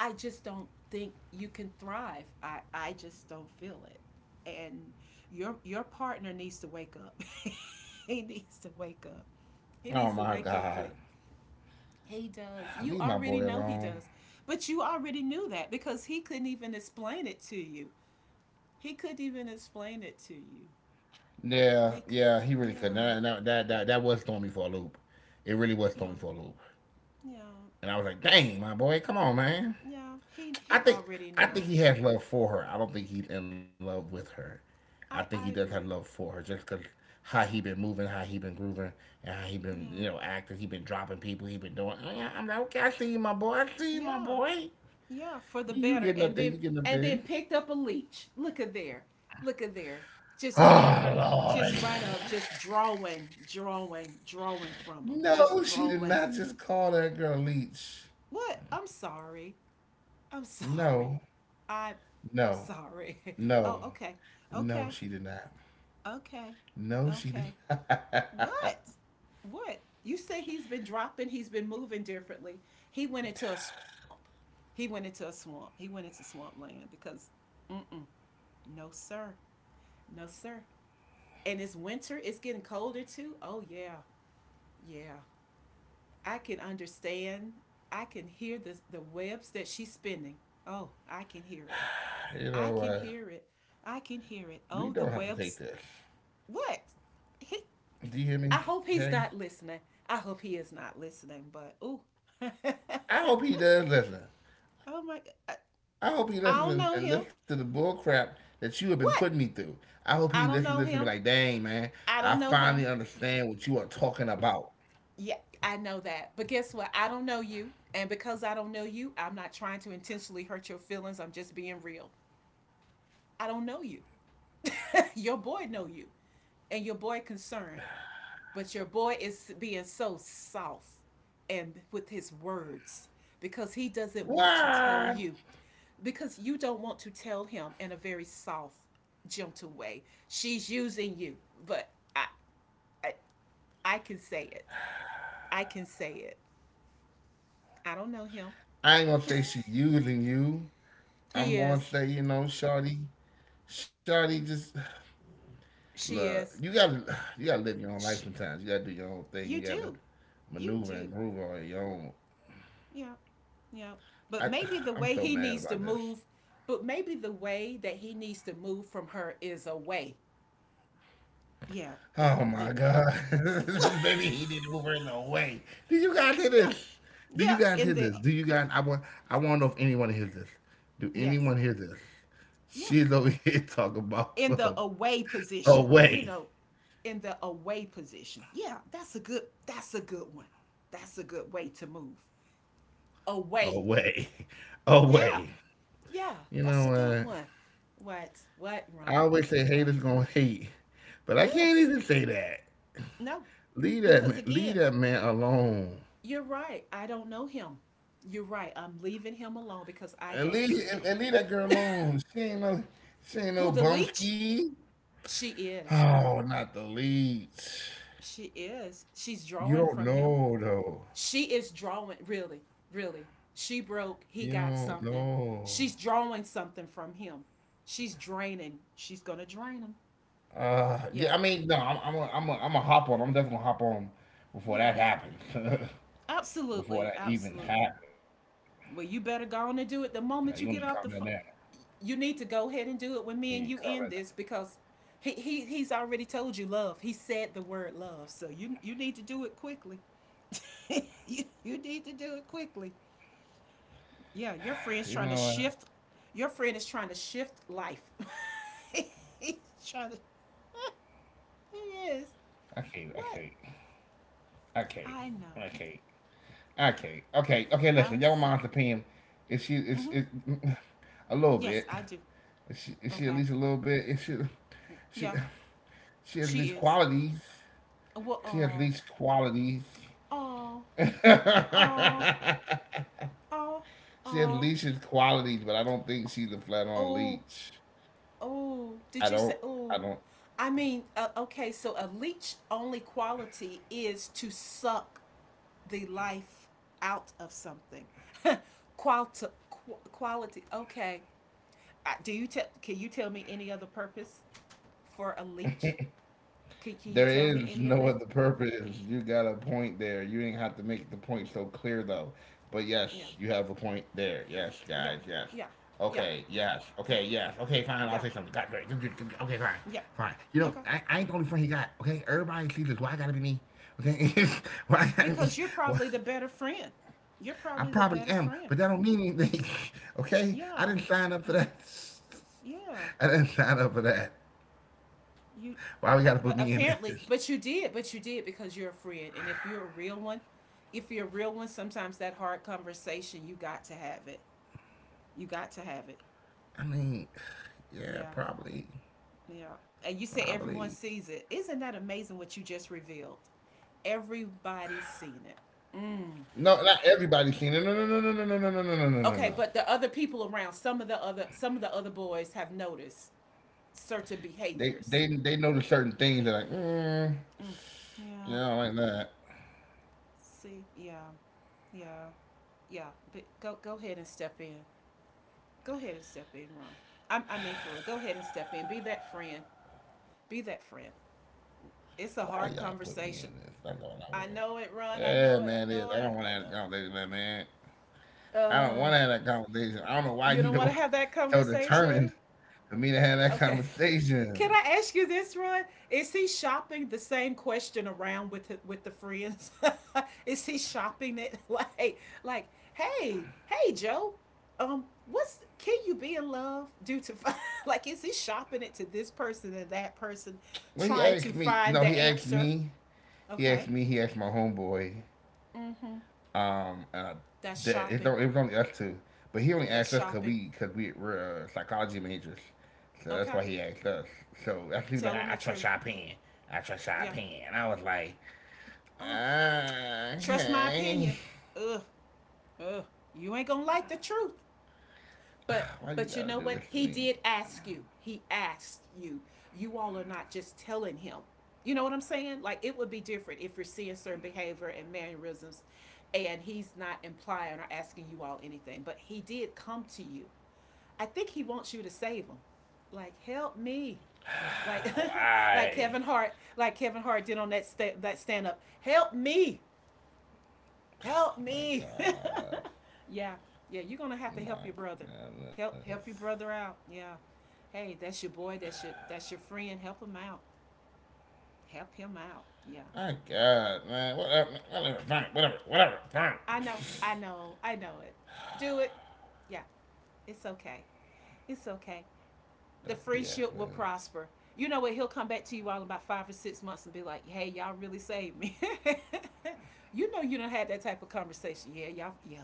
Speaker 2: I just don't think you can thrive. I I just don't feel it. And your your partner needs to wake up. <laughs> He needs to wake up.
Speaker 1: Oh
Speaker 2: He
Speaker 1: my
Speaker 2: needs to
Speaker 1: God.
Speaker 2: wake up quick. He
Speaker 1: Leave my
Speaker 2: does. You
Speaker 1: boy
Speaker 2: already
Speaker 1: alone.
Speaker 2: know he does. But you already knew that because he couldn't even explain it to you. He could not even explain it to you.
Speaker 1: Yeah,
Speaker 2: He could,
Speaker 1: yeah, he really couldn't.
Speaker 2: yeah,
Speaker 1: That that that that, that was throwing me for a loop. It really was throwing
Speaker 2: yeah,
Speaker 1: me for a loop.
Speaker 2: yeah,
Speaker 1: And I was like, "Dang, my boy, come on, man."
Speaker 2: yeah. He
Speaker 1: I
Speaker 2: he
Speaker 1: think
Speaker 2: already
Speaker 1: I think
Speaker 2: know.
Speaker 1: he has love for her. I don't think he's in love with her. I think he
Speaker 2: I
Speaker 1: does have
Speaker 2: I
Speaker 1: love
Speaker 2: agree.
Speaker 1: for her just because how he been moving, how he been grooving, and how he been you
Speaker 2: Yeah,
Speaker 1: know acting. He been dropping people. He been doing. I I'm like, okay, I see you, my boy. I see you, my
Speaker 2: yeah,
Speaker 1: boy.
Speaker 2: yeah. For the
Speaker 1: You
Speaker 2: better,
Speaker 1: getting up
Speaker 2: and
Speaker 1: there? You
Speaker 2: then,
Speaker 1: getting up
Speaker 2: and
Speaker 1: there?
Speaker 2: then
Speaker 1: <sighs>
Speaker 2: picked up a leech. Look at there. Look at there. Just pick
Speaker 1: Oh
Speaker 2: right.
Speaker 1: Lord!
Speaker 2: Just right up. Just drawing, drawing, drawing from him. Just
Speaker 1: No, she did
Speaker 2: drawing.
Speaker 1: not just call that girl leech.
Speaker 2: What? I'm sorry. I'm sorry.
Speaker 1: No.
Speaker 2: I'm
Speaker 1: No,
Speaker 2: sorry. <laughs> Oh,
Speaker 1: no,
Speaker 2: okay.
Speaker 1: no,
Speaker 2: Okay.
Speaker 1: she did not.
Speaker 2: Okay.
Speaker 1: No, she did
Speaker 2: Okay.
Speaker 1: not. <laughs>
Speaker 2: What? What? You say he's been dropping, he's been moving differently. He went into a swamp. He went into a swamp. He went into swampland because, mm-mm, no, sir. No, sir. And it's winter, it's getting colder too. Oh, yeah. Yeah. I can understand. I can hear the, the webs that she's spinning. Oh, I can hear it. I can hear it.
Speaker 1: You know,
Speaker 2: I
Speaker 1: uh,
Speaker 2: can hear it. Oh, the
Speaker 1: we
Speaker 2: webs.
Speaker 1: don't have to take this.
Speaker 2: What? He, I hope he's
Speaker 1: Do
Speaker 2: not
Speaker 1: you hear me,
Speaker 2: listening. I hope
Speaker 1: okay?
Speaker 2: he is not listening, but ooh. <laughs> Oh
Speaker 1: I hope he does listen. I hope
Speaker 2: my
Speaker 1: he
Speaker 2: God.
Speaker 1: listens
Speaker 2: I,
Speaker 1: and, and listens to the bull
Speaker 2: I don't
Speaker 1: crap
Speaker 2: know him.
Speaker 1: that you have been putting me through. I hope he
Speaker 2: What?
Speaker 1: listens, listens and be like, dang,
Speaker 2: I don't
Speaker 1: man,
Speaker 2: know
Speaker 1: I
Speaker 2: him.
Speaker 1: finally
Speaker 2: I
Speaker 1: understand
Speaker 2: don't
Speaker 1: what
Speaker 2: know
Speaker 1: you are
Speaker 2: him.
Speaker 1: talking about.
Speaker 2: Yeah, I know that. But guess what? I don't know you. And because I don't know you, I'm not trying to intentionally hurt your feelings. I'm just being real. I don't know you. <laughs> Your boy know you. And your boy concerned. But your boy is being so soft and with his words because he doesn't
Speaker 1: What?
Speaker 2: want to tell
Speaker 1: I
Speaker 2: you, because you don't want to tell him in a very soft, gentle way. She's using you, but I, I, I can say it. I can say it. I don't know him.
Speaker 1: ain't gonna say she using you.
Speaker 2: He
Speaker 1: I'm gonna
Speaker 2: is.
Speaker 1: say, you know, Shawty, Shawty just
Speaker 2: She
Speaker 1: look, you
Speaker 2: is.
Speaker 1: gotta you gotta live your own life
Speaker 2: She,
Speaker 1: sometimes. You gotta do your own thing. You
Speaker 2: you
Speaker 1: gotta
Speaker 2: do. You
Speaker 1: maneuver and
Speaker 2: do.
Speaker 1: groove on your own.
Speaker 2: Yeah. Yeah.
Speaker 1: I
Speaker 2: But maybe the
Speaker 1: I'm
Speaker 2: way
Speaker 1: so
Speaker 2: he
Speaker 1: mad
Speaker 2: needs
Speaker 1: about
Speaker 2: to
Speaker 1: this.
Speaker 2: move, but maybe the way that he needs to move from her is away. Yeah.
Speaker 1: Oh
Speaker 2: There.
Speaker 1: my
Speaker 2: There it is.
Speaker 1: god. <laughs>
Speaker 2: <laughs>
Speaker 1: Baby, he didn't move her in the way. Do you guys hear
Speaker 2: Yeah.
Speaker 1: this? Do you
Speaker 2: Yeah.
Speaker 1: guys hear
Speaker 2: In the
Speaker 1: this? Do you guys I want I wanna know if anyone hears this. Do
Speaker 2: yes.
Speaker 1: anyone hear this?
Speaker 2: Yes.
Speaker 1: She's over here <laughs> talking about
Speaker 2: In the
Speaker 1: some
Speaker 2: away position, you
Speaker 1: away.
Speaker 2: know, in the away position. Yeah, that's a good, that's a good one. That's a good way to move. Away.
Speaker 1: Away.
Speaker 2: Yeah.
Speaker 1: Away.
Speaker 2: Yeah,
Speaker 1: You know
Speaker 2: that's a good
Speaker 1: what?
Speaker 2: one. What? What,
Speaker 1: I
Speaker 2: Ron?
Speaker 1: always say
Speaker 2: What?
Speaker 1: haters gonna hate. But I can't
Speaker 2: Yes.
Speaker 1: even say that.
Speaker 2: No.
Speaker 1: Leave that
Speaker 2: Because
Speaker 1: man. Leave
Speaker 2: again,
Speaker 1: that man alone.
Speaker 2: you're right. I don't know him. You're right. I'm leaving him alone because I
Speaker 1: And
Speaker 2: don't
Speaker 1: leave
Speaker 2: know
Speaker 1: and,
Speaker 2: him.
Speaker 1: and leave that girl alone. She ain't no. She ain't
Speaker 2: Who,
Speaker 1: no
Speaker 2: the leech?
Speaker 1: bumski.
Speaker 2: She is.
Speaker 1: Oh, not the leads.
Speaker 2: She is. She's
Speaker 1: You
Speaker 2: drawing
Speaker 1: don't
Speaker 2: from him.
Speaker 1: know though.
Speaker 2: She is drawing, really, really. She broke, he
Speaker 1: You
Speaker 2: got
Speaker 1: don't
Speaker 2: something.
Speaker 1: know.
Speaker 2: She's drawing something from him. She's draining. She's going to drain him.
Speaker 1: Uh,
Speaker 2: Yeah,
Speaker 1: yeah. I mean, no. I'm. I'm. A, I'm. A, I'm a hop on. I'm definitely gonna hop on before
Speaker 2: yeah.
Speaker 1: that happens. <laughs> Before
Speaker 2: Absolutely,
Speaker 1: that even
Speaker 2: absolutely.
Speaker 1: happened.
Speaker 2: Well, you better go on and
Speaker 1: Now
Speaker 2: do
Speaker 1: you
Speaker 2: it the
Speaker 1: need to
Speaker 2: moment
Speaker 1: comment
Speaker 2: you get
Speaker 1: that.
Speaker 2: off the phone. You need to go ahead and
Speaker 1: You
Speaker 2: do
Speaker 1: need
Speaker 2: it
Speaker 1: to
Speaker 2: when me
Speaker 1: comment
Speaker 2: and
Speaker 1: that.
Speaker 2: you end this because he, he he's already told you love. He said the word love, so you you need to do it quickly. <laughs> you, you need to do it quickly. Yeah, your friend's
Speaker 1: You
Speaker 2: trying
Speaker 1: know
Speaker 2: to
Speaker 1: what?
Speaker 2: shift. Your friend is trying to shift life. <laughs> He's trying to. <laughs> He is.
Speaker 1: I can't. I
Speaker 2: What?
Speaker 1: can't. I can't.
Speaker 2: I know.
Speaker 1: I can't. Okay, okay, okay. Listen,
Speaker 2: I'm
Speaker 1: your
Speaker 2: sorry.
Speaker 1: mom's opinion, is she is
Speaker 2: Mm-hmm.
Speaker 1: it <laughs> a little
Speaker 2: Yes,
Speaker 1: bit?
Speaker 2: I do.
Speaker 1: Is she, is she at
Speaker 2: Okay.
Speaker 1: least a little bit? Is she she
Speaker 2: Yeah,
Speaker 1: she has at
Speaker 2: she
Speaker 1: least
Speaker 2: is.
Speaker 1: qualities.
Speaker 2: Well,
Speaker 1: She has at
Speaker 2: oh,
Speaker 1: least qualities.
Speaker 2: oh,
Speaker 1: <laughs> She
Speaker 2: oh,
Speaker 1: has
Speaker 2: oh, oh,
Speaker 1: leashes qualities, but I don't think she's a flat on
Speaker 2: oh,
Speaker 1: leech.
Speaker 2: oh. Did
Speaker 1: I
Speaker 2: you say
Speaker 1: don't. I
Speaker 2: oh?
Speaker 1: don't.
Speaker 2: I mean, uh, okay. So a leech only quality is to suck the life out of something. <laughs> Quality, quality. Okay. Uh, do you tell? Can you tell me any other purpose for a leech? Can, can you
Speaker 1: There
Speaker 2: tell me
Speaker 1: is <laughs>
Speaker 2: any of
Speaker 1: no
Speaker 2: that?
Speaker 1: other purpose. You got a point there. You didn't have to make the point so clear though. But
Speaker 2: Yeah.
Speaker 1: yes, you have a point there. Yes,
Speaker 2: Yeah.
Speaker 1: guys. Yes.
Speaker 2: Yeah. Yeah.
Speaker 1: Okay. Yes.
Speaker 2: Yeah.
Speaker 1: Okay. Yes. Okay. Fine. I'll
Speaker 2: Yeah.
Speaker 1: say something. God, great. Okay. Fine.
Speaker 2: Yeah.
Speaker 1: Fine. You know,
Speaker 2: Okay.
Speaker 1: I, I ain't the only friend he got. Okay. Everybody sees this. Why I gotta be me? Okay. <laughs> Why I gotta be?
Speaker 2: Because you're
Speaker 1: Why?
Speaker 2: probably the better friend. You're
Speaker 1: I
Speaker 2: probably the
Speaker 1: probably
Speaker 2: better
Speaker 1: am,
Speaker 2: friend.
Speaker 1: but that don't mean anything. <laughs> Okay. I
Speaker 2: Yeah.
Speaker 1: didn't sign up for
Speaker 2: Yeah.
Speaker 1: that.
Speaker 2: Yeah.
Speaker 1: <laughs> I didn't sign up for that.
Speaker 2: You,
Speaker 1: Why we
Speaker 2: uh,
Speaker 1: gotta
Speaker 2: but
Speaker 1: put me in
Speaker 2: apparently,
Speaker 1: this?
Speaker 2: but you did, but you did because you're a friend, and if you're a real one, if you're a real one, sometimes that hard conversation you got to have it. You got to have it.
Speaker 1: I mean, yeah,
Speaker 2: Yeah,
Speaker 1: probably,
Speaker 2: yeah. And you say everyone
Speaker 1: probably.
Speaker 2: sees it. Isn't that amazing what you just revealed? Everybody's seen it. Mm.
Speaker 1: No, not everybody's seen it. No, no, no, no, no, no, no, no, no, no, no, no,
Speaker 2: Okay,
Speaker 1: no.
Speaker 2: but the other people around, some of the other, some of the other boys have noticed certain
Speaker 1: They
Speaker 2: behaviors.
Speaker 1: they they notice certain things. They're like, mm,
Speaker 2: Mm. Yeah.
Speaker 1: yeah, I don't like that.
Speaker 2: See. Yeah. Yeah. Yeah. But go, go ahead and step in. Go ahead and step in, Ron. I, I mean, for real, go ahead and step in. Be that friend. Be that friend.
Speaker 1: Why y'all
Speaker 2: It's a
Speaker 1: put me
Speaker 2: hard
Speaker 1: in this? That's
Speaker 2: conversation.
Speaker 1: all I want.
Speaker 2: I know it,
Speaker 1: Yeah,
Speaker 2: Ron. I
Speaker 1: man, it is.
Speaker 2: know
Speaker 1: I
Speaker 2: it. I
Speaker 1: don't want to
Speaker 2: know
Speaker 1: have a
Speaker 2: it. I
Speaker 1: conversation with
Speaker 2: know
Speaker 1: that man. I
Speaker 2: it.
Speaker 1: don't want to have
Speaker 2: Uh,
Speaker 1: that conversation. I don't know why you
Speaker 2: you
Speaker 1: know
Speaker 2: don't want to have that
Speaker 1: <laughs> so determined
Speaker 2: conversation.
Speaker 1: for me to have that
Speaker 2: Okay. <laughs> Can
Speaker 1: conversation.
Speaker 2: I ask you this, Roy? Is he shopping the same question around with the, with the friends? <laughs> Is he shopping it, <laughs> like like hey, hey Joe, um what's, can you be in love due to fi- <laughs> like, is he shopping it to this person and that person
Speaker 1: Well, he
Speaker 2: trying to
Speaker 1: asked me.
Speaker 2: find
Speaker 1: No,
Speaker 2: the
Speaker 1: he asked
Speaker 2: answer?
Speaker 1: me. He
Speaker 2: Okay.
Speaker 1: asked me. He asked my homeboy.
Speaker 2: Mm-hmm.
Speaker 1: Um, uh,
Speaker 2: That's
Speaker 1: that it,
Speaker 2: shopping.
Speaker 1: don't- It was only us two, but he only
Speaker 2: That's
Speaker 1: asked us because
Speaker 2: shopping.
Speaker 1: we because we were uh, psychology majors, so that's
Speaker 2: Okay.
Speaker 1: why he asked us. So that's he was like,
Speaker 2: Tell him
Speaker 1: I, I
Speaker 2: the
Speaker 1: trust
Speaker 2: truth.
Speaker 1: your opinion. I trust your
Speaker 2: Yeah.
Speaker 1: opinion. And I was like,
Speaker 2: Uh,
Speaker 1: uh,
Speaker 2: trust my
Speaker 1: okay.
Speaker 2: opinion. Ugh. Ugh. You ain't gonna like the truth. But
Speaker 1: <sighs> Why you
Speaker 2: but you
Speaker 1: gotta
Speaker 2: know
Speaker 1: do
Speaker 2: what?
Speaker 1: this to
Speaker 2: He
Speaker 1: me?
Speaker 2: did ask you. He asked you. You all are not just telling him. You know what I'm saying? Like, it would be different if you're seeing certain behavior and mannerisms and he's not implying or asking you all anything. But he did come to you. I think he wants you to save him. Like, help me. Like <laughs> like
Speaker 1: Why?
Speaker 2: Kevin Hart, like Kevin Hart did on that sta- that stand up. Help me, help
Speaker 1: Oh my
Speaker 2: me.
Speaker 1: god.
Speaker 2: <laughs> Yeah, yeah, you're gonna have to help
Speaker 1: My
Speaker 2: your brother.
Speaker 1: goodness.
Speaker 2: Help, help your brother out. Yeah. Hey, that's your boy, that's your, that's your friend. Help him out. Help him out. Yeah.
Speaker 1: My god, man. Whatever, whatever, fine, whatever, whatever, fine. <laughs>
Speaker 2: I
Speaker 1: <sighs>
Speaker 2: know, I know, I know it. Do it. Yeah, it's okay. It's okay. The
Speaker 1: That's
Speaker 2: friendship
Speaker 1: B S,
Speaker 2: will
Speaker 1: man.
Speaker 2: prosper. You know what? He'll come back to you all about five or six months and be like, hey, y'all really saved me. <laughs> you know you don't had that type of conversation. Yeah, y'all, yeah,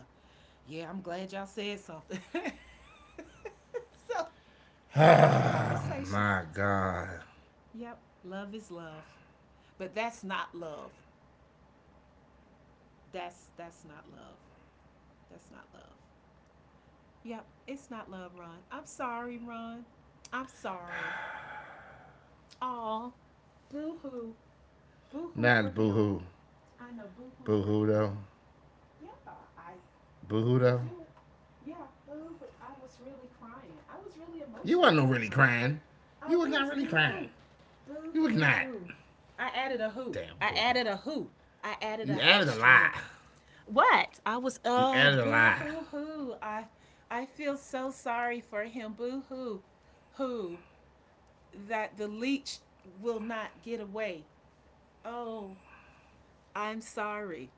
Speaker 2: yeah, I'm glad y'all said something. <laughs> so
Speaker 1: <sighs>
Speaker 2: Had the
Speaker 1: Oh
Speaker 2: conversation.
Speaker 1: my God.
Speaker 2: Yep, love is love. But that's not love. That's that's not love. That's not love. Yep, it's not love, Ron. I'm sorry, Ron. I'm sorry. Aw, boo hoo. Boo hoo for
Speaker 1: Not
Speaker 2: him.
Speaker 1: boohoo.
Speaker 2: I know, boo hoo for
Speaker 1: Boohoo
Speaker 2: him.
Speaker 1: though.
Speaker 2: Yeah, I
Speaker 1: Boohoo
Speaker 2: would
Speaker 1: though.
Speaker 2: do it. Yeah, boo hoo. I was really crying. I was really
Speaker 1: You
Speaker 2: emotional
Speaker 1: wasn't
Speaker 2: at
Speaker 1: no
Speaker 2: that
Speaker 1: really
Speaker 2: time.
Speaker 1: crying.
Speaker 2: I
Speaker 1: You was not
Speaker 2: was
Speaker 1: really
Speaker 2: boo hoo.
Speaker 1: crying.
Speaker 2: Boo
Speaker 1: You was
Speaker 2: hoo
Speaker 1: not.
Speaker 2: hoo. I added a who.
Speaker 1: Damn
Speaker 2: I
Speaker 1: boohoo.
Speaker 2: added a who. I added
Speaker 1: You
Speaker 2: an
Speaker 1: added a
Speaker 2: extra one.
Speaker 1: lie.
Speaker 2: What? I was
Speaker 1: You
Speaker 2: uh
Speaker 1: added a
Speaker 2: boo
Speaker 1: lie.
Speaker 2: hoo hoo. I I feel so sorry for him. Boo hoo hoo, that the leech will not get away. Oh, I'm sorry.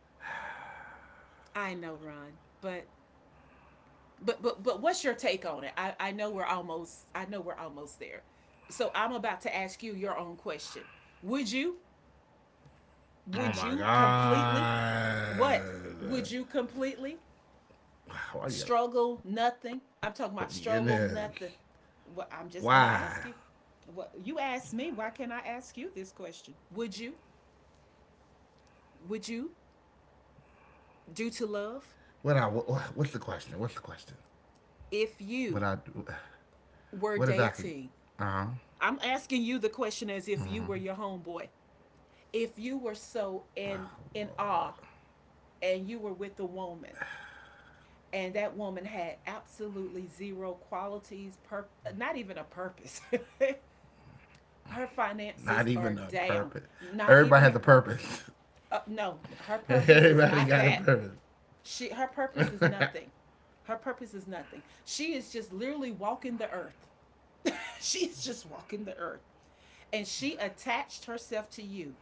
Speaker 2: I know, Ron, but but but but what's your take on it? I I know we're almost, I know we're almost there. So I'm about to ask you your own question. Would you
Speaker 1: Oh
Speaker 2: would
Speaker 1: my
Speaker 2: you completely what?
Speaker 1: God.
Speaker 2: Would you completely
Speaker 1: Why you gotta put me
Speaker 2: struggle
Speaker 1: in this?
Speaker 2: nothing. I'm talking about struggle nothing.
Speaker 1: Why?
Speaker 2: Well, I'm just gonna ask you. What you asked me, why can't I ask you this question? Would you? Would you
Speaker 1: What I
Speaker 2: do to
Speaker 1: what's
Speaker 2: love
Speaker 1: the question? What's the question? What I
Speaker 2: if you
Speaker 1: what exactly?
Speaker 2: were
Speaker 1: Uh huh.
Speaker 2: dating? I'm asking you the question as if you were your homeboy. If you were so in in awe and you were with a woman and that woman had absolutely zero qualities, pur- not even a purpose. <laughs> Her
Speaker 1: Not even a
Speaker 2: finances are
Speaker 1: purpose.
Speaker 2: down.
Speaker 1: Everybody has a
Speaker 2: Not even a
Speaker 1: purpose.
Speaker 2: purpose.
Speaker 1: <laughs>
Speaker 2: Uh, no,
Speaker 1: <laughs>
Speaker 2: her purpose is
Speaker 1: Everybody got a
Speaker 2: not that.
Speaker 1: purpose.
Speaker 2: She her purpose is
Speaker 1: <laughs>
Speaker 2: nothing. Her purpose is nothing. She is just literally walking the earth. <laughs> She's just walking the earth. And she attached herself to you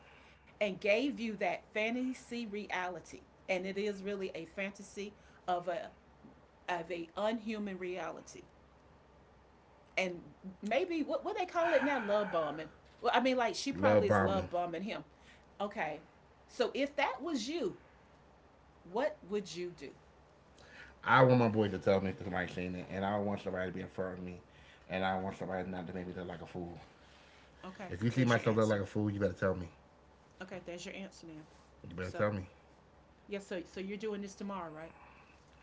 Speaker 2: and gave you that fantasy reality. And it is really a fantasy of a of a unhuman reality. And maybe what what they call it now, love bombing. Well, I mean, like, she
Speaker 1: Love
Speaker 2: probably is
Speaker 1: bombing.
Speaker 2: love bombing him. Okay, so if that was you, what would you do?
Speaker 1: I want my boy to tell me that somebody seen it, and I don't want somebody to be in front of me, and I don't want somebody not to make me look like a fool.
Speaker 2: Okay,
Speaker 1: If you see
Speaker 2: there's your
Speaker 1: myself look
Speaker 2: answer.
Speaker 1: like a fool, you better tell me.
Speaker 2: Okay, there's your answer now.
Speaker 1: You better
Speaker 2: So,
Speaker 1: tell me.
Speaker 2: yes, so so you're doing this tomorrow, right?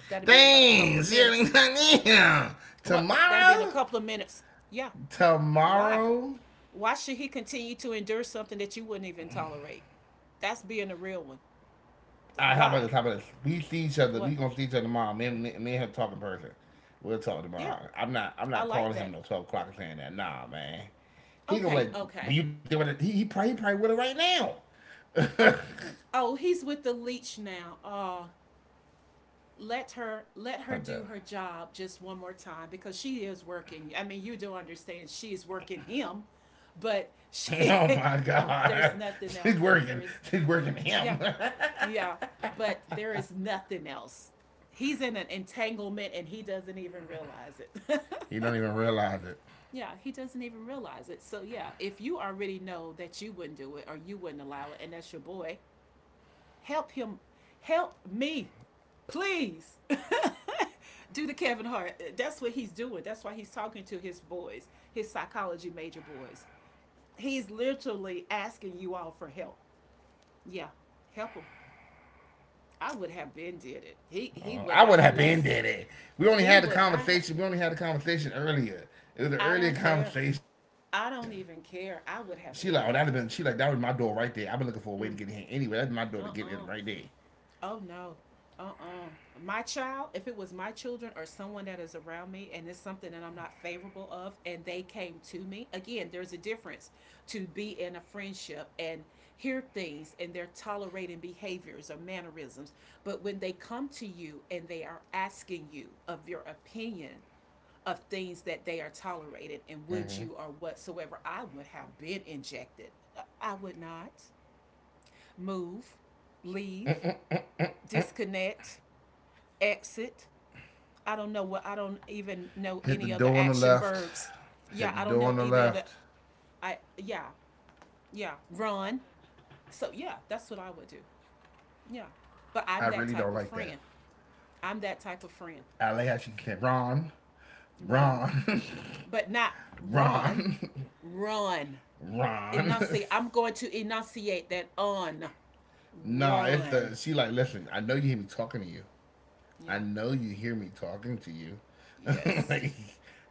Speaker 2: That'll be in about a couple
Speaker 1: Dang,
Speaker 2: of
Speaker 1: shit.
Speaker 2: minutes.
Speaker 1: <laughs>
Speaker 2: What? That'll be in a
Speaker 1: Tomorrow?
Speaker 2: couple of minutes. Yeah. Why?
Speaker 1: Tomorrow?
Speaker 2: Why should he continue to endure something that you wouldn't even tolerate? That's being a real one.
Speaker 1: All right, how about
Speaker 2: Why?
Speaker 1: this? How about this? We see each other.
Speaker 2: What?
Speaker 1: We gonna see each other tomorrow. Me and me, me and him talk in person. We'll talk
Speaker 2: Yeah,
Speaker 1: tomorrow. I'm not. I'm
Speaker 2: I
Speaker 1: not
Speaker 2: like
Speaker 1: calling
Speaker 2: that.
Speaker 1: him no twelve o'clock and saying that. Nah, man. He gonna be
Speaker 2: Okay,
Speaker 1: like,
Speaker 2: okay.
Speaker 1: well, you doing it? He, he probably he probably with it right
Speaker 2: Oh,
Speaker 1: now. <laughs>
Speaker 2: oh, he's with the leech now. Oh, let her,
Speaker 1: I'm
Speaker 2: let
Speaker 1: done.
Speaker 2: her do her job just one more time because she is working. I mean, you do understand she's working him, but she
Speaker 1: Oh
Speaker 2: <laughs>
Speaker 1: my
Speaker 2: there's
Speaker 1: god, <laughs>
Speaker 2: nothing
Speaker 1: she's
Speaker 2: else. There
Speaker 1: working.
Speaker 2: is,
Speaker 1: She's working
Speaker 2: yeah,
Speaker 1: him.
Speaker 2: yeah, but there is nothing else. He's in an entanglement and he doesn't even realize it.
Speaker 1: <laughs> he don't
Speaker 2: <laughs>
Speaker 1: even realize it.
Speaker 2: Yeah, he doesn't even realize it. So yeah, if you already know that you wouldn't do it or you wouldn't allow it, and that's your boy, help him. Help me. Please. <laughs> Do the Kevin Hart. That's what he's doing. That's why he's talking to his boys, his psychology major boys. He's literally asking you all for help. Yeah, help him. I would have been did it. He he
Speaker 1: Uh,
Speaker 2: would
Speaker 1: I
Speaker 2: not
Speaker 1: would
Speaker 2: have
Speaker 1: have been
Speaker 2: lasted.
Speaker 1: dead. We only
Speaker 2: He
Speaker 1: had the
Speaker 2: would not have.
Speaker 1: conversation. We only had the conversation earlier. It was an
Speaker 2: I
Speaker 1: earlier
Speaker 2: don't care.
Speaker 1: conversation.
Speaker 2: I don't even
Speaker 1: She
Speaker 2: care.
Speaker 1: like, oh,
Speaker 2: I
Speaker 1: that'd have
Speaker 2: would
Speaker 1: been.
Speaker 2: have
Speaker 1: She like,
Speaker 2: been
Speaker 1: that was
Speaker 2: did
Speaker 1: my
Speaker 2: it.
Speaker 1: door right there. I've been looking for a way to get in here anyway. That's my door to get in right
Speaker 2: Uh
Speaker 1: there.
Speaker 2: uh, oh no. Uh-uh. My child, if it was my children or someone that is around me and it's something that I'm not favorable of and they came to me, again, there's a difference to be in a friendship and hear things and they're tolerating behaviors or mannerisms. But when they come to you and they are asking you of your opinion of things that they are tolerating and would you or whatsoever, I would have been injected. I would not move, leave, disconnect, exit. I don't know what, I don't even know
Speaker 1: Hit the
Speaker 2: any other
Speaker 1: door on the
Speaker 2: action
Speaker 1: left.
Speaker 2: verbs. Yeah,
Speaker 1: Hit the
Speaker 2: I don't
Speaker 1: door on
Speaker 2: know
Speaker 1: the
Speaker 2: either other,
Speaker 1: left.
Speaker 2: I yeah, yeah, run. So yeah, that's what I would do. Yeah. But
Speaker 1: I
Speaker 2: I'm that
Speaker 1: really
Speaker 2: type
Speaker 1: don't
Speaker 2: of
Speaker 1: like that.
Speaker 2: friend. I'm that type of friend.
Speaker 1: I like how she said, Ron,
Speaker 2: Run.
Speaker 1: Ron,
Speaker 2: But not
Speaker 1: <laughs>
Speaker 2: run,
Speaker 1: Ron,
Speaker 2: run.
Speaker 1: <laughs> Ron. <laughs>
Speaker 2: Enunciate, I'm going to enunciate that on.
Speaker 1: Nah, it's
Speaker 2: Run.
Speaker 1: the. She like, listen. I know you hear me talking to you.
Speaker 2: Yeah.
Speaker 1: I know you hear me talking to you. <laughs>
Speaker 2: Yes.
Speaker 1: Like,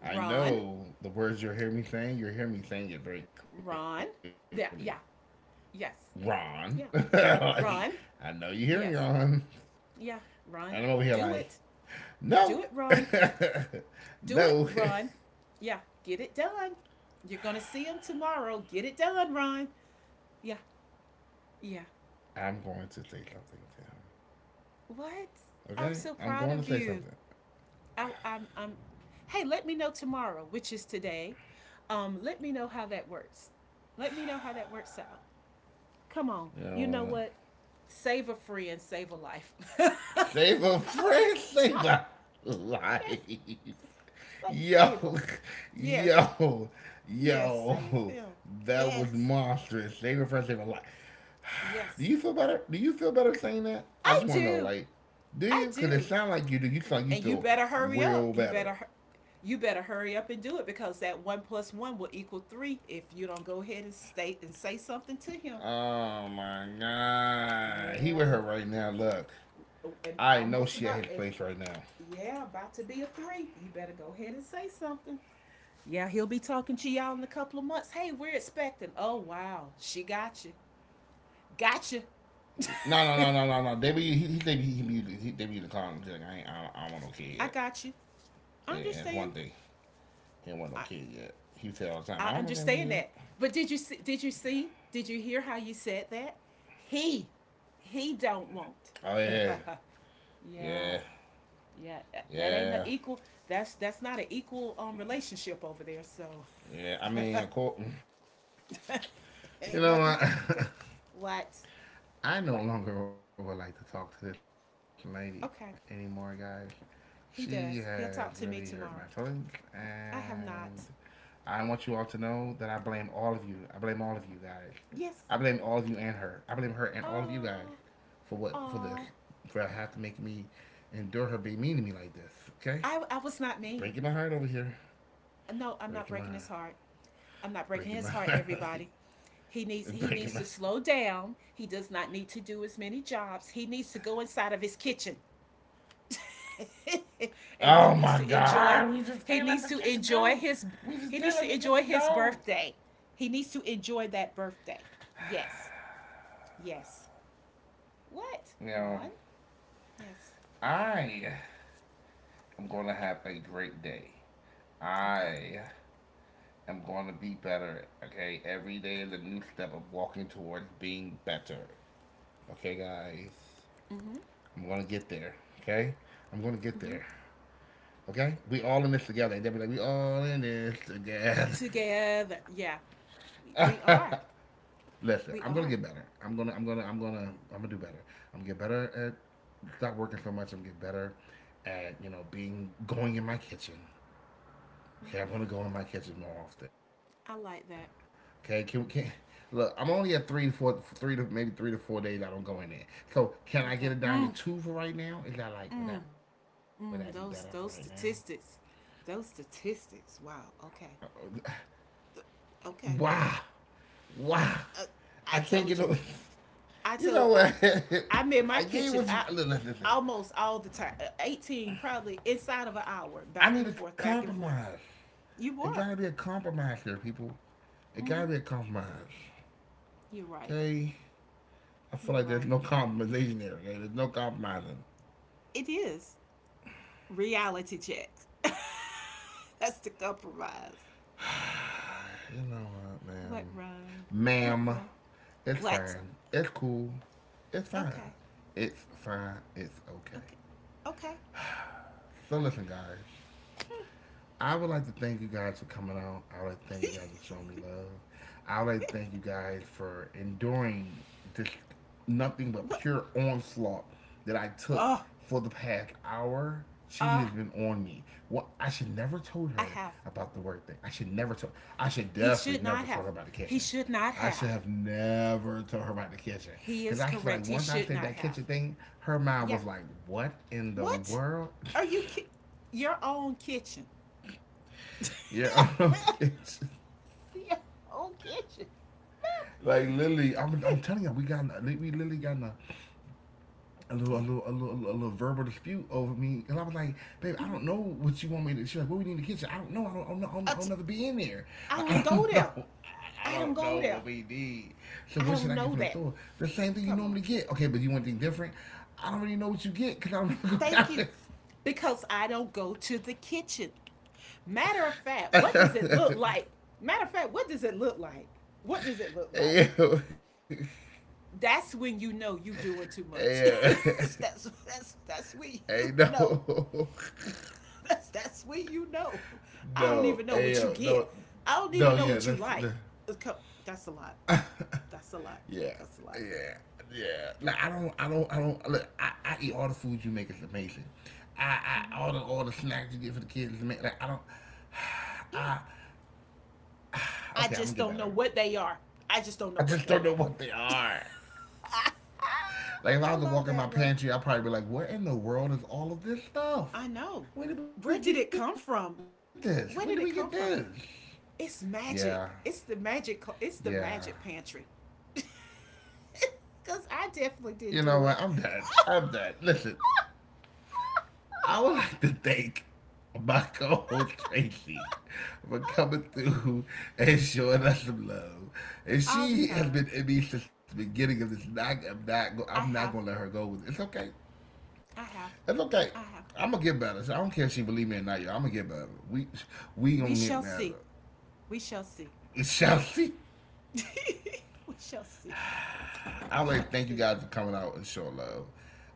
Speaker 1: I
Speaker 2: Run.
Speaker 1: know the words you're hearing me saying. You're hearing me saying it very
Speaker 2: Run.
Speaker 1: clearly.
Speaker 2: Yeah, yeah. Yes.
Speaker 1: Ron.
Speaker 2: Yeah.
Speaker 1: <laughs> Like,
Speaker 2: Run.
Speaker 1: I know you hear me,
Speaker 2: Yes.
Speaker 1: Ron.
Speaker 2: Yeah. Run.
Speaker 1: And I'm over here
Speaker 2: Do it.
Speaker 1: like,
Speaker 2: Do it,
Speaker 1: no,
Speaker 2: Ron.
Speaker 1: <laughs>
Speaker 2: Do it,
Speaker 1: no.
Speaker 2: Ron. Yeah. Get it done. You're going to see him tomorrow. Get it done, Ron. Yeah. Yeah.
Speaker 1: <laughs> I'm going to say something to him.
Speaker 2: What? I'm so
Speaker 1: Okay?
Speaker 2: proud of
Speaker 1: I'm going to
Speaker 2: you.
Speaker 1: say something.
Speaker 2: I, I'm, I'm, hey, let me know tomorrow, which is today. Um, let me know how that works. Let me know how that works out. Come on.
Speaker 1: You
Speaker 2: You know
Speaker 1: know, uh,
Speaker 2: what? Save a friend, save a life. <laughs> Yes.
Speaker 1: Save a friend, save a life.
Speaker 2: Sa- save them.
Speaker 1: Yo, <laughs>
Speaker 2: Yes.
Speaker 1: yo,
Speaker 2: Yes, save
Speaker 1: yo.
Speaker 2: him.
Speaker 1: That was
Speaker 2: Yes,
Speaker 1: monstrous. Save a friend, save a life. Do
Speaker 2: yes,
Speaker 1: you feel better? Do you feel better saying that? I
Speaker 2: I
Speaker 1: just want to know,
Speaker 2: do.
Speaker 1: like, do
Speaker 2: I
Speaker 1: you? Because it
Speaker 2: do.
Speaker 1: sounds like you do. You sound like you
Speaker 2: And you
Speaker 1: feel
Speaker 2: better hurry up.
Speaker 1: real
Speaker 2: You
Speaker 1: better.
Speaker 2: better, hu- you better hurry up and do it because that one plus one will equal three if you don't go ahead and state and say something to him.
Speaker 1: Oh my god, he with her
Speaker 2: Yeah,
Speaker 1: right now. Look,
Speaker 2: oh, and
Speaker 1: I know she
Speaker 2: almost
Speaker 1: at his
Speaker 2: about as,
Speaker 1: place right now.
Speaker 2: yeah, about to be a three. You better go ahead and say something. Yeah, he'll be talking to y'all in a couple of months. Hey, we're expecting. Oh wow, she got you. Got you.
Speaker 1: No, no, no, no, no,
Speaker 2: <laughs>
Speaker 1: no. They be he, he they be he, be he, they be the con. Like I ain't, I don't, I don't want no kid
Speaker 2: I
Speaker 1: yet.
Speaker 2: got you. I
Speaker 1: Yeah, and it's one
Speaker 2: understand.
Speaker 1: thing he don't want no
Speaker 2: I,
Speaker 1: kid yet. He said all the time, I
Speaker 2: I
Speaker 1: don't want no damn
Speaker 2: understand
Speaker 1: kid.
Speaker 2: that. But did you see, did you see, did you hear how you said that? He he don't want.
Speaker 1: Oh
Speaker 2: <laughs>
Speaker 1: yeah,
Speaker 2: Yeah.
Speaker 1: yeah,
Speaker 2: Yeah, that- ain't an
Speaker 1: yeah,
Speaker 2: equal. That's that's not an equal um relationship over there. So
Speaker 1: yeah. I mean, of course,
Speaker 2: <laughs>
Speaker 1: you
Speaker 2: ain't
Speaker 1: know
Speaker 2: nothing
Speaker 1: what?
Speaker 2: equal.
Speaker 1: <laughs>
Speaker 2: What?
Speaker 1: I no
Speaker 2: What?
Speaker 1: longer would like to talk to this lady anymore, guys.
Speaker 2: Okay.
Speaker 1: She has
Speaker 2: He
Speaker 1: really
Speaker 2: does.
Speaker 1: hurt my
Speaker 2: He'll talk to
Speaker 1: feelings,
Speaker 2: me tomorrow.
Speaker 1: and
Speaker 2: I have not.
Speaker 1: I want you all to know that I blame all of you. I blame all of you guys. I blame all of
Speaker 2: Yes.
Speaker 1: you and her. I blame her and all of you guys
Speaker 2: Oh.
Speaker 1: for what for this
Speaker 2: Oh.
Speaker 1: for having to make me endure her being mean to me like this. Okay,
Speaker 2: I I was not
Speaker 1: breaking my
Speaker 2: mean.
Speaker 1: heart over here,
Speaker 2: No, I'm
Speaker 1: breaking my
Speaker 2: not
Speaker 1: heart,
Speaker 2: breaking his heart. I'm not
Speaker 1: breaking my
Speaker 2: breaking his
Speaker 1: heart,
Speaker 2: heart, everybody. He
Speaker 1: <laughs>
Speaker 2: needs he
Speaker 1: breaking my.
Speaker 2: needs to slow down. He does not need to do as many jobs. He needs to go inside of his kitchen. <laughs> And he
Speaker 1: Oh
Speaker 2: needs
Speaker 1: my
Speaker 2: to enjoy
Speaker 1: God, we just
Speaker 2: he
Speaker 1: can't let
Speaker 2: needs
Speaker 1: the
Speaker 2: to
Speaker 1: kids
Speaker 2: enjoy
Speaker 1: go.
Speaker 2: his
Speaker 1: We just
Speaker 2: he
Speaker 1: can't
Speaker 2: needs to
Speaker 1: let the kids
Speaker 2: enjoy his
Speaker 1: go.
Speaker 2: birthday. He needs to enjoy that birthday. Yes. Yes. What?
Speaker 1: You know,
Speaker 2: Ron? Yes.
Speaker 1: I am going to have a great day.
Speaker 2: Okay.
Speaker 1: I am going to be better, okay? Every day is a new step of walking towards being better. Okay, guys?
Speaker 2: Mhm.
Speaker 1: I'm going to get there, okay? I'm going to get there, okay? We all in this together. They'll be like, we all in this together.
Speaker 2: Together. Yeah. We, we are.
Speaker 1: <laughs> Listen,
Speaker 2: We
Speaker 1: I'm gonna
Speaker 2: are.
Speaker 1: get better. I'm gonna, I'm gonna, I'm gonna, I'm gonna do better. I'm gonna get better at stop working so much. I'm gonna get better at you know being going in my kitchen. Okay, I'm gonna go in my kitchen
Speaker 2: I
Speaker 1: more
Speaker 2: like
Speaker 1: often.
Speaker 2: that.
Speaker 1: Okay, can we can look? I'm only at three to four, three to maybe three to four days. I don't go in there. So can I
Speaker 2: Okay.
Speaker 1: get it down to
Speaker 2: Mm.
Speaker 1: two for right now? Is that like would that would that be better for right
Speaker 2: Mm,
Speaker 1: now?
Speaker 2: those those statistics, those statistics. Wow. Okay. Okay.
Speaker 1: Wow, wow!
Speaker 2: Uh,
Speaker 1: I
Speaker 2: I
Speaker 1: can't get
Speaker 2: told
Speaker 1: no.
Speaker 2: you.
Speaker 1: <laughs>
Speaker 2: I
Speaker 1: You know
Speaker 2: told
Speaker 1: what?
Speaker 2: I. I'm in
Speaker 1: <laughs>
Speaker 2: my
Speaker 1: I gave
Speaker 2: kitchen.
Speaker 1: what you.
Speaker 2: I
Speaker 1: Listen, listen.
Speaker 2: almost all the time. uh, Eighteen probably inside of an hour,
Speaker 1: I
Speaker 2: back
Speaker 1: need
Speaker 2: and
Speaker 1: to
Speaker 2: forth, back and forth.
Speaker 1: compromise. It
Speaker 2: You
Speaker 1: gotta
Speaker 2: were.
Speaker 1: be a compromise here, people. It gotta
Speaker 2: Hmm.
Speaker 1: be a compromise.
Speaker 2: You're right.
Speaker 1: Okay? I feel
Speaker 2: You're
Speaker 1: like there's
Speaker 2: right.
Speaker 1: no compromisation here, okay? There's no compromising.
Speaker 2: It is reality check. <laughs> That's the compromise.
Speaker 1: You know what,
Speaker 2: What,
Speaker 1: ma'am?
Speaker 2: Run? What, Run?
Speaker 1: Ma'am, it's
Speaker 2: What?
Speaker 1: fine. It's cool. It's fine.
Speaker 2: Okay.
Speaker 1: It's fine. It's okay.
Speaker 2: Okay. Okay.
Speaker 1: So listen, guys. I would like to thank you guys for coming out. I would like to thank you guys for showing me
Speaker 2: <laughs>
Speaker 1: love. I would like to thank you guys for enduring this nothing but
Speaker 2: What?
Speaker 1: pure onslaught that I took
Speaker 2: Oh,
Speaker 1: for the past hour. She has
Speaker 2: ah,
Speaker 1: been on me. Well, I should never told
Speaker 2: I
Speaker 1: her
Speaker 2: have.
Speaker 1: about the work thing. I should never tell. I should
Speaker 2: He should
Speaker 1: definitely
Speaker 2: not
Speaker 1: never tell
Speaker 2: have.
Speaker 1: her about the
Speaker 2: He
Speaker 1: kitchen.
Speaker 2: should not
Speaker 1: I should
Speaker 2: have.
Speaker 1: have never told her about the kitchen
Speaker 2: He
Speaker 1: because
Speaker 2: is
Speaker 1: I feel like
Speaker 2: correct. He
Speaker 1: once I
Speaker 2: should
Speaker 1: said
Speaker 2: not
Speaker 1: that
Speaker 2: have.
Speaker 1: kitchen thing, her mind was
Speaker 2: Yeah.
Speaker 1: like, "What in the
Speaker 2: What?
Speaker 1: world?"
Speaker 2: Are you ki- your own kitchen?
Speaker 1: <laughs> Yeah,
Speaker 2: <laughs>
Speaker 1: <laughs> kitchen.
Speaker 2: Your own kitchen? Man,
Speaker 1: Like literally, I'm,
Speaker 2: please.
Speaker 1: I'm telling y'all, we got we literally got a, a little a
Speaker 2: <laughs> Yeah.
Speaker 1: little a little a little verbal dispute over me, and I was like, "Babe, I don't know what you want me to." She's like, "What we need in the kitchen?" I don't know. I don't. I don't, know. I don't,
Speaker 2: I,
Speaker 1: I don't
Speaker 2: t-
Speaker 1: never be in there.
Speaker 2: I
Speaker 1: Like,
Speaker 2: don't
Speaker 1: I
Speaker 2: go
Speaker 1: don't <laughs>
Speaker 2: there.
Speaker 1: know. I
Speaker 2: I don't
Speaker 1: don't
Speaker 2: go
Speaker 1: know
Speaker 2: there.
Speaker 1: what we need. So
Speaker 2: I
Speaker 1: what should
Speaker 2: don't
Speaker 1: I get
Speaker 2: know
Speaker 1: from the
Speaker 2: that.
Speaker 1: store? The same thing you
Speaker 2: Come on.
Speaker 1: normally get. Okay, but you want anything different? I don't really know what you get because I don't go down
Speaker 2: Thank you.
Speaker 1: this.
Speaker 2: Because I don't go to the kitchen. Matter of fact, what does it look like? Matter of fact, what does it look like? What does it look
Speaker 1: <laughs>
Speaker 2: like?
Speaker 1: Ew.
Speaker 2: That's when you know you doing too much.
Speaker 1: Ew.
Speaker 2: <laughs> that's, that's that's that's when
Speaker 1: Hey,
Speaker 2: you know.
Speaker 1: no. <laughs>
Speaker 2: That's that's when you know. I don't
Speaker 1: No,
Speaker 2: even know what you
Speaker 1: ayo,
Speaker 2: get.
Speaker 1: no,
Speaker 2: I don't
Speaker 1: no,
Speaker 2: even know
Speaker 1: yeah,
Speaker 2: what you
Speaker 1: that's
Speaker 2: like.
Speaker 1: the,
Speaker 2: That's a lot. That's a lot.
Speaker 1: yeah,
Speaker 2: That's a lot.
Speaker 1: yeah, yeah.
Speaker 2: Yeah.
Speaker 1: Like I don't, I don't, I don't. Look, I, I eat all the food you make is amazing. I, I all the all the snacks you get for the kids is amazing. Like I don't,
Speaker 2: Yeah.
Speaker 1: I
Speaker 2: I
Speaker 1: okay, I'm gonna
Speaker 2: just
Speaker 1: get
Speaker 2: don't know
Speaker 1: better.
Speaker 2: what they are. I just don't
Speaker 1: I
Speaker 2: know what
Speaker 1: just
Speaker 2: they
Speaker 1: don't know
Speaker 2: are.
Speaker 1: what they are.
Speaker 2: <laughs>
Speaker 1: Like if I
Speaker 2: I
Speaker 1: was to
Speaker 2: love
Speaker 1: walk in
Speaker 2: that,
Speaker 1: my
Speaker 2: Ruh.
Speaker 1: pantry, I'd probably be like, "Where in the world is all of this stuff?
Speaker 2: I know.
Speaker 1: When did we get
Speaker 2: Where did it
Speaker 1: this? When
Speaker 2: come
Speaker 1: did we get
Speaker 2: from?
Speaker 1: this?"
Speaker 2: Where did it come from?
Speaker 1: Yeah,
Speaker 2: It's magic. It's the
Speaker 1: yeah.
Speaker 2: magic. It's the magic pantry. <laughs> Cause I
Speaker 1: You know
Speaker 2: definitely
Speaker 1: what?
Speaker 2: did
Speaker 1: I'm
Speaker 2: do
Speaker 1: done.
Speaker 2: it. <laughs>
Speaker 1: I'm done. Listen, I would like to thank my co-host Tracy for coming through and showing us some love. And
Speaker 2: All the
Speaker 1: she
Speaker 2: time.
Speaker 1: has been in me since the beginning of this. Not, I'm not. Go-
Speaker 2: I
Speaker 1: I'm
Speaker 2: have.
Speaker 1: not gonna let her go with it. It's okay.
Speaker 2: I have.
Speaker 1: It's okay.
Speaker 2: I have.
Speaker 1: I'm gonna get better. I don't care if she believe me or not, y'all. I'm gonna get better. We we
Speaker 2: We
Speaker 1: gonna get
Speaker 2: shall
Speaker 1: better.
Speaker 2: see.
Speaker 1: <laughs>
Speaker 2: We shall see.
Speaker 1: We shall see.
Speaker 2: <laughs> We shall see.
Speaker 1: I
Speaker 2: We
Speaker 1: would like to
Speaker 2: shall
Speaker 1: thank you
Speaker 2: see.
Speaker 1: guys for coming out and showing love.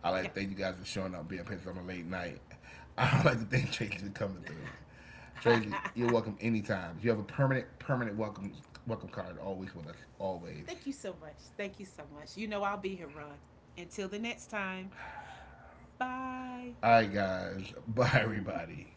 Speaker 1: I would
Speaker 2: Yeah.
Speaker 1: like to thank you guys for showing up, being patient on a late night. <laughs> I would like to thank Tracy for coming through. Tracy,
Speaker 2: <laughs>
Speaker 1: you're welcome anytime. You have a permanent, permanent welcome, welcome card always with us, always.
Speaker 2: Thank you so much. Thank you so much. You know I'll be here, Ron. Until the next time. Bye.
Speaker 1: All right, guys. <laughs> Bye, everybody.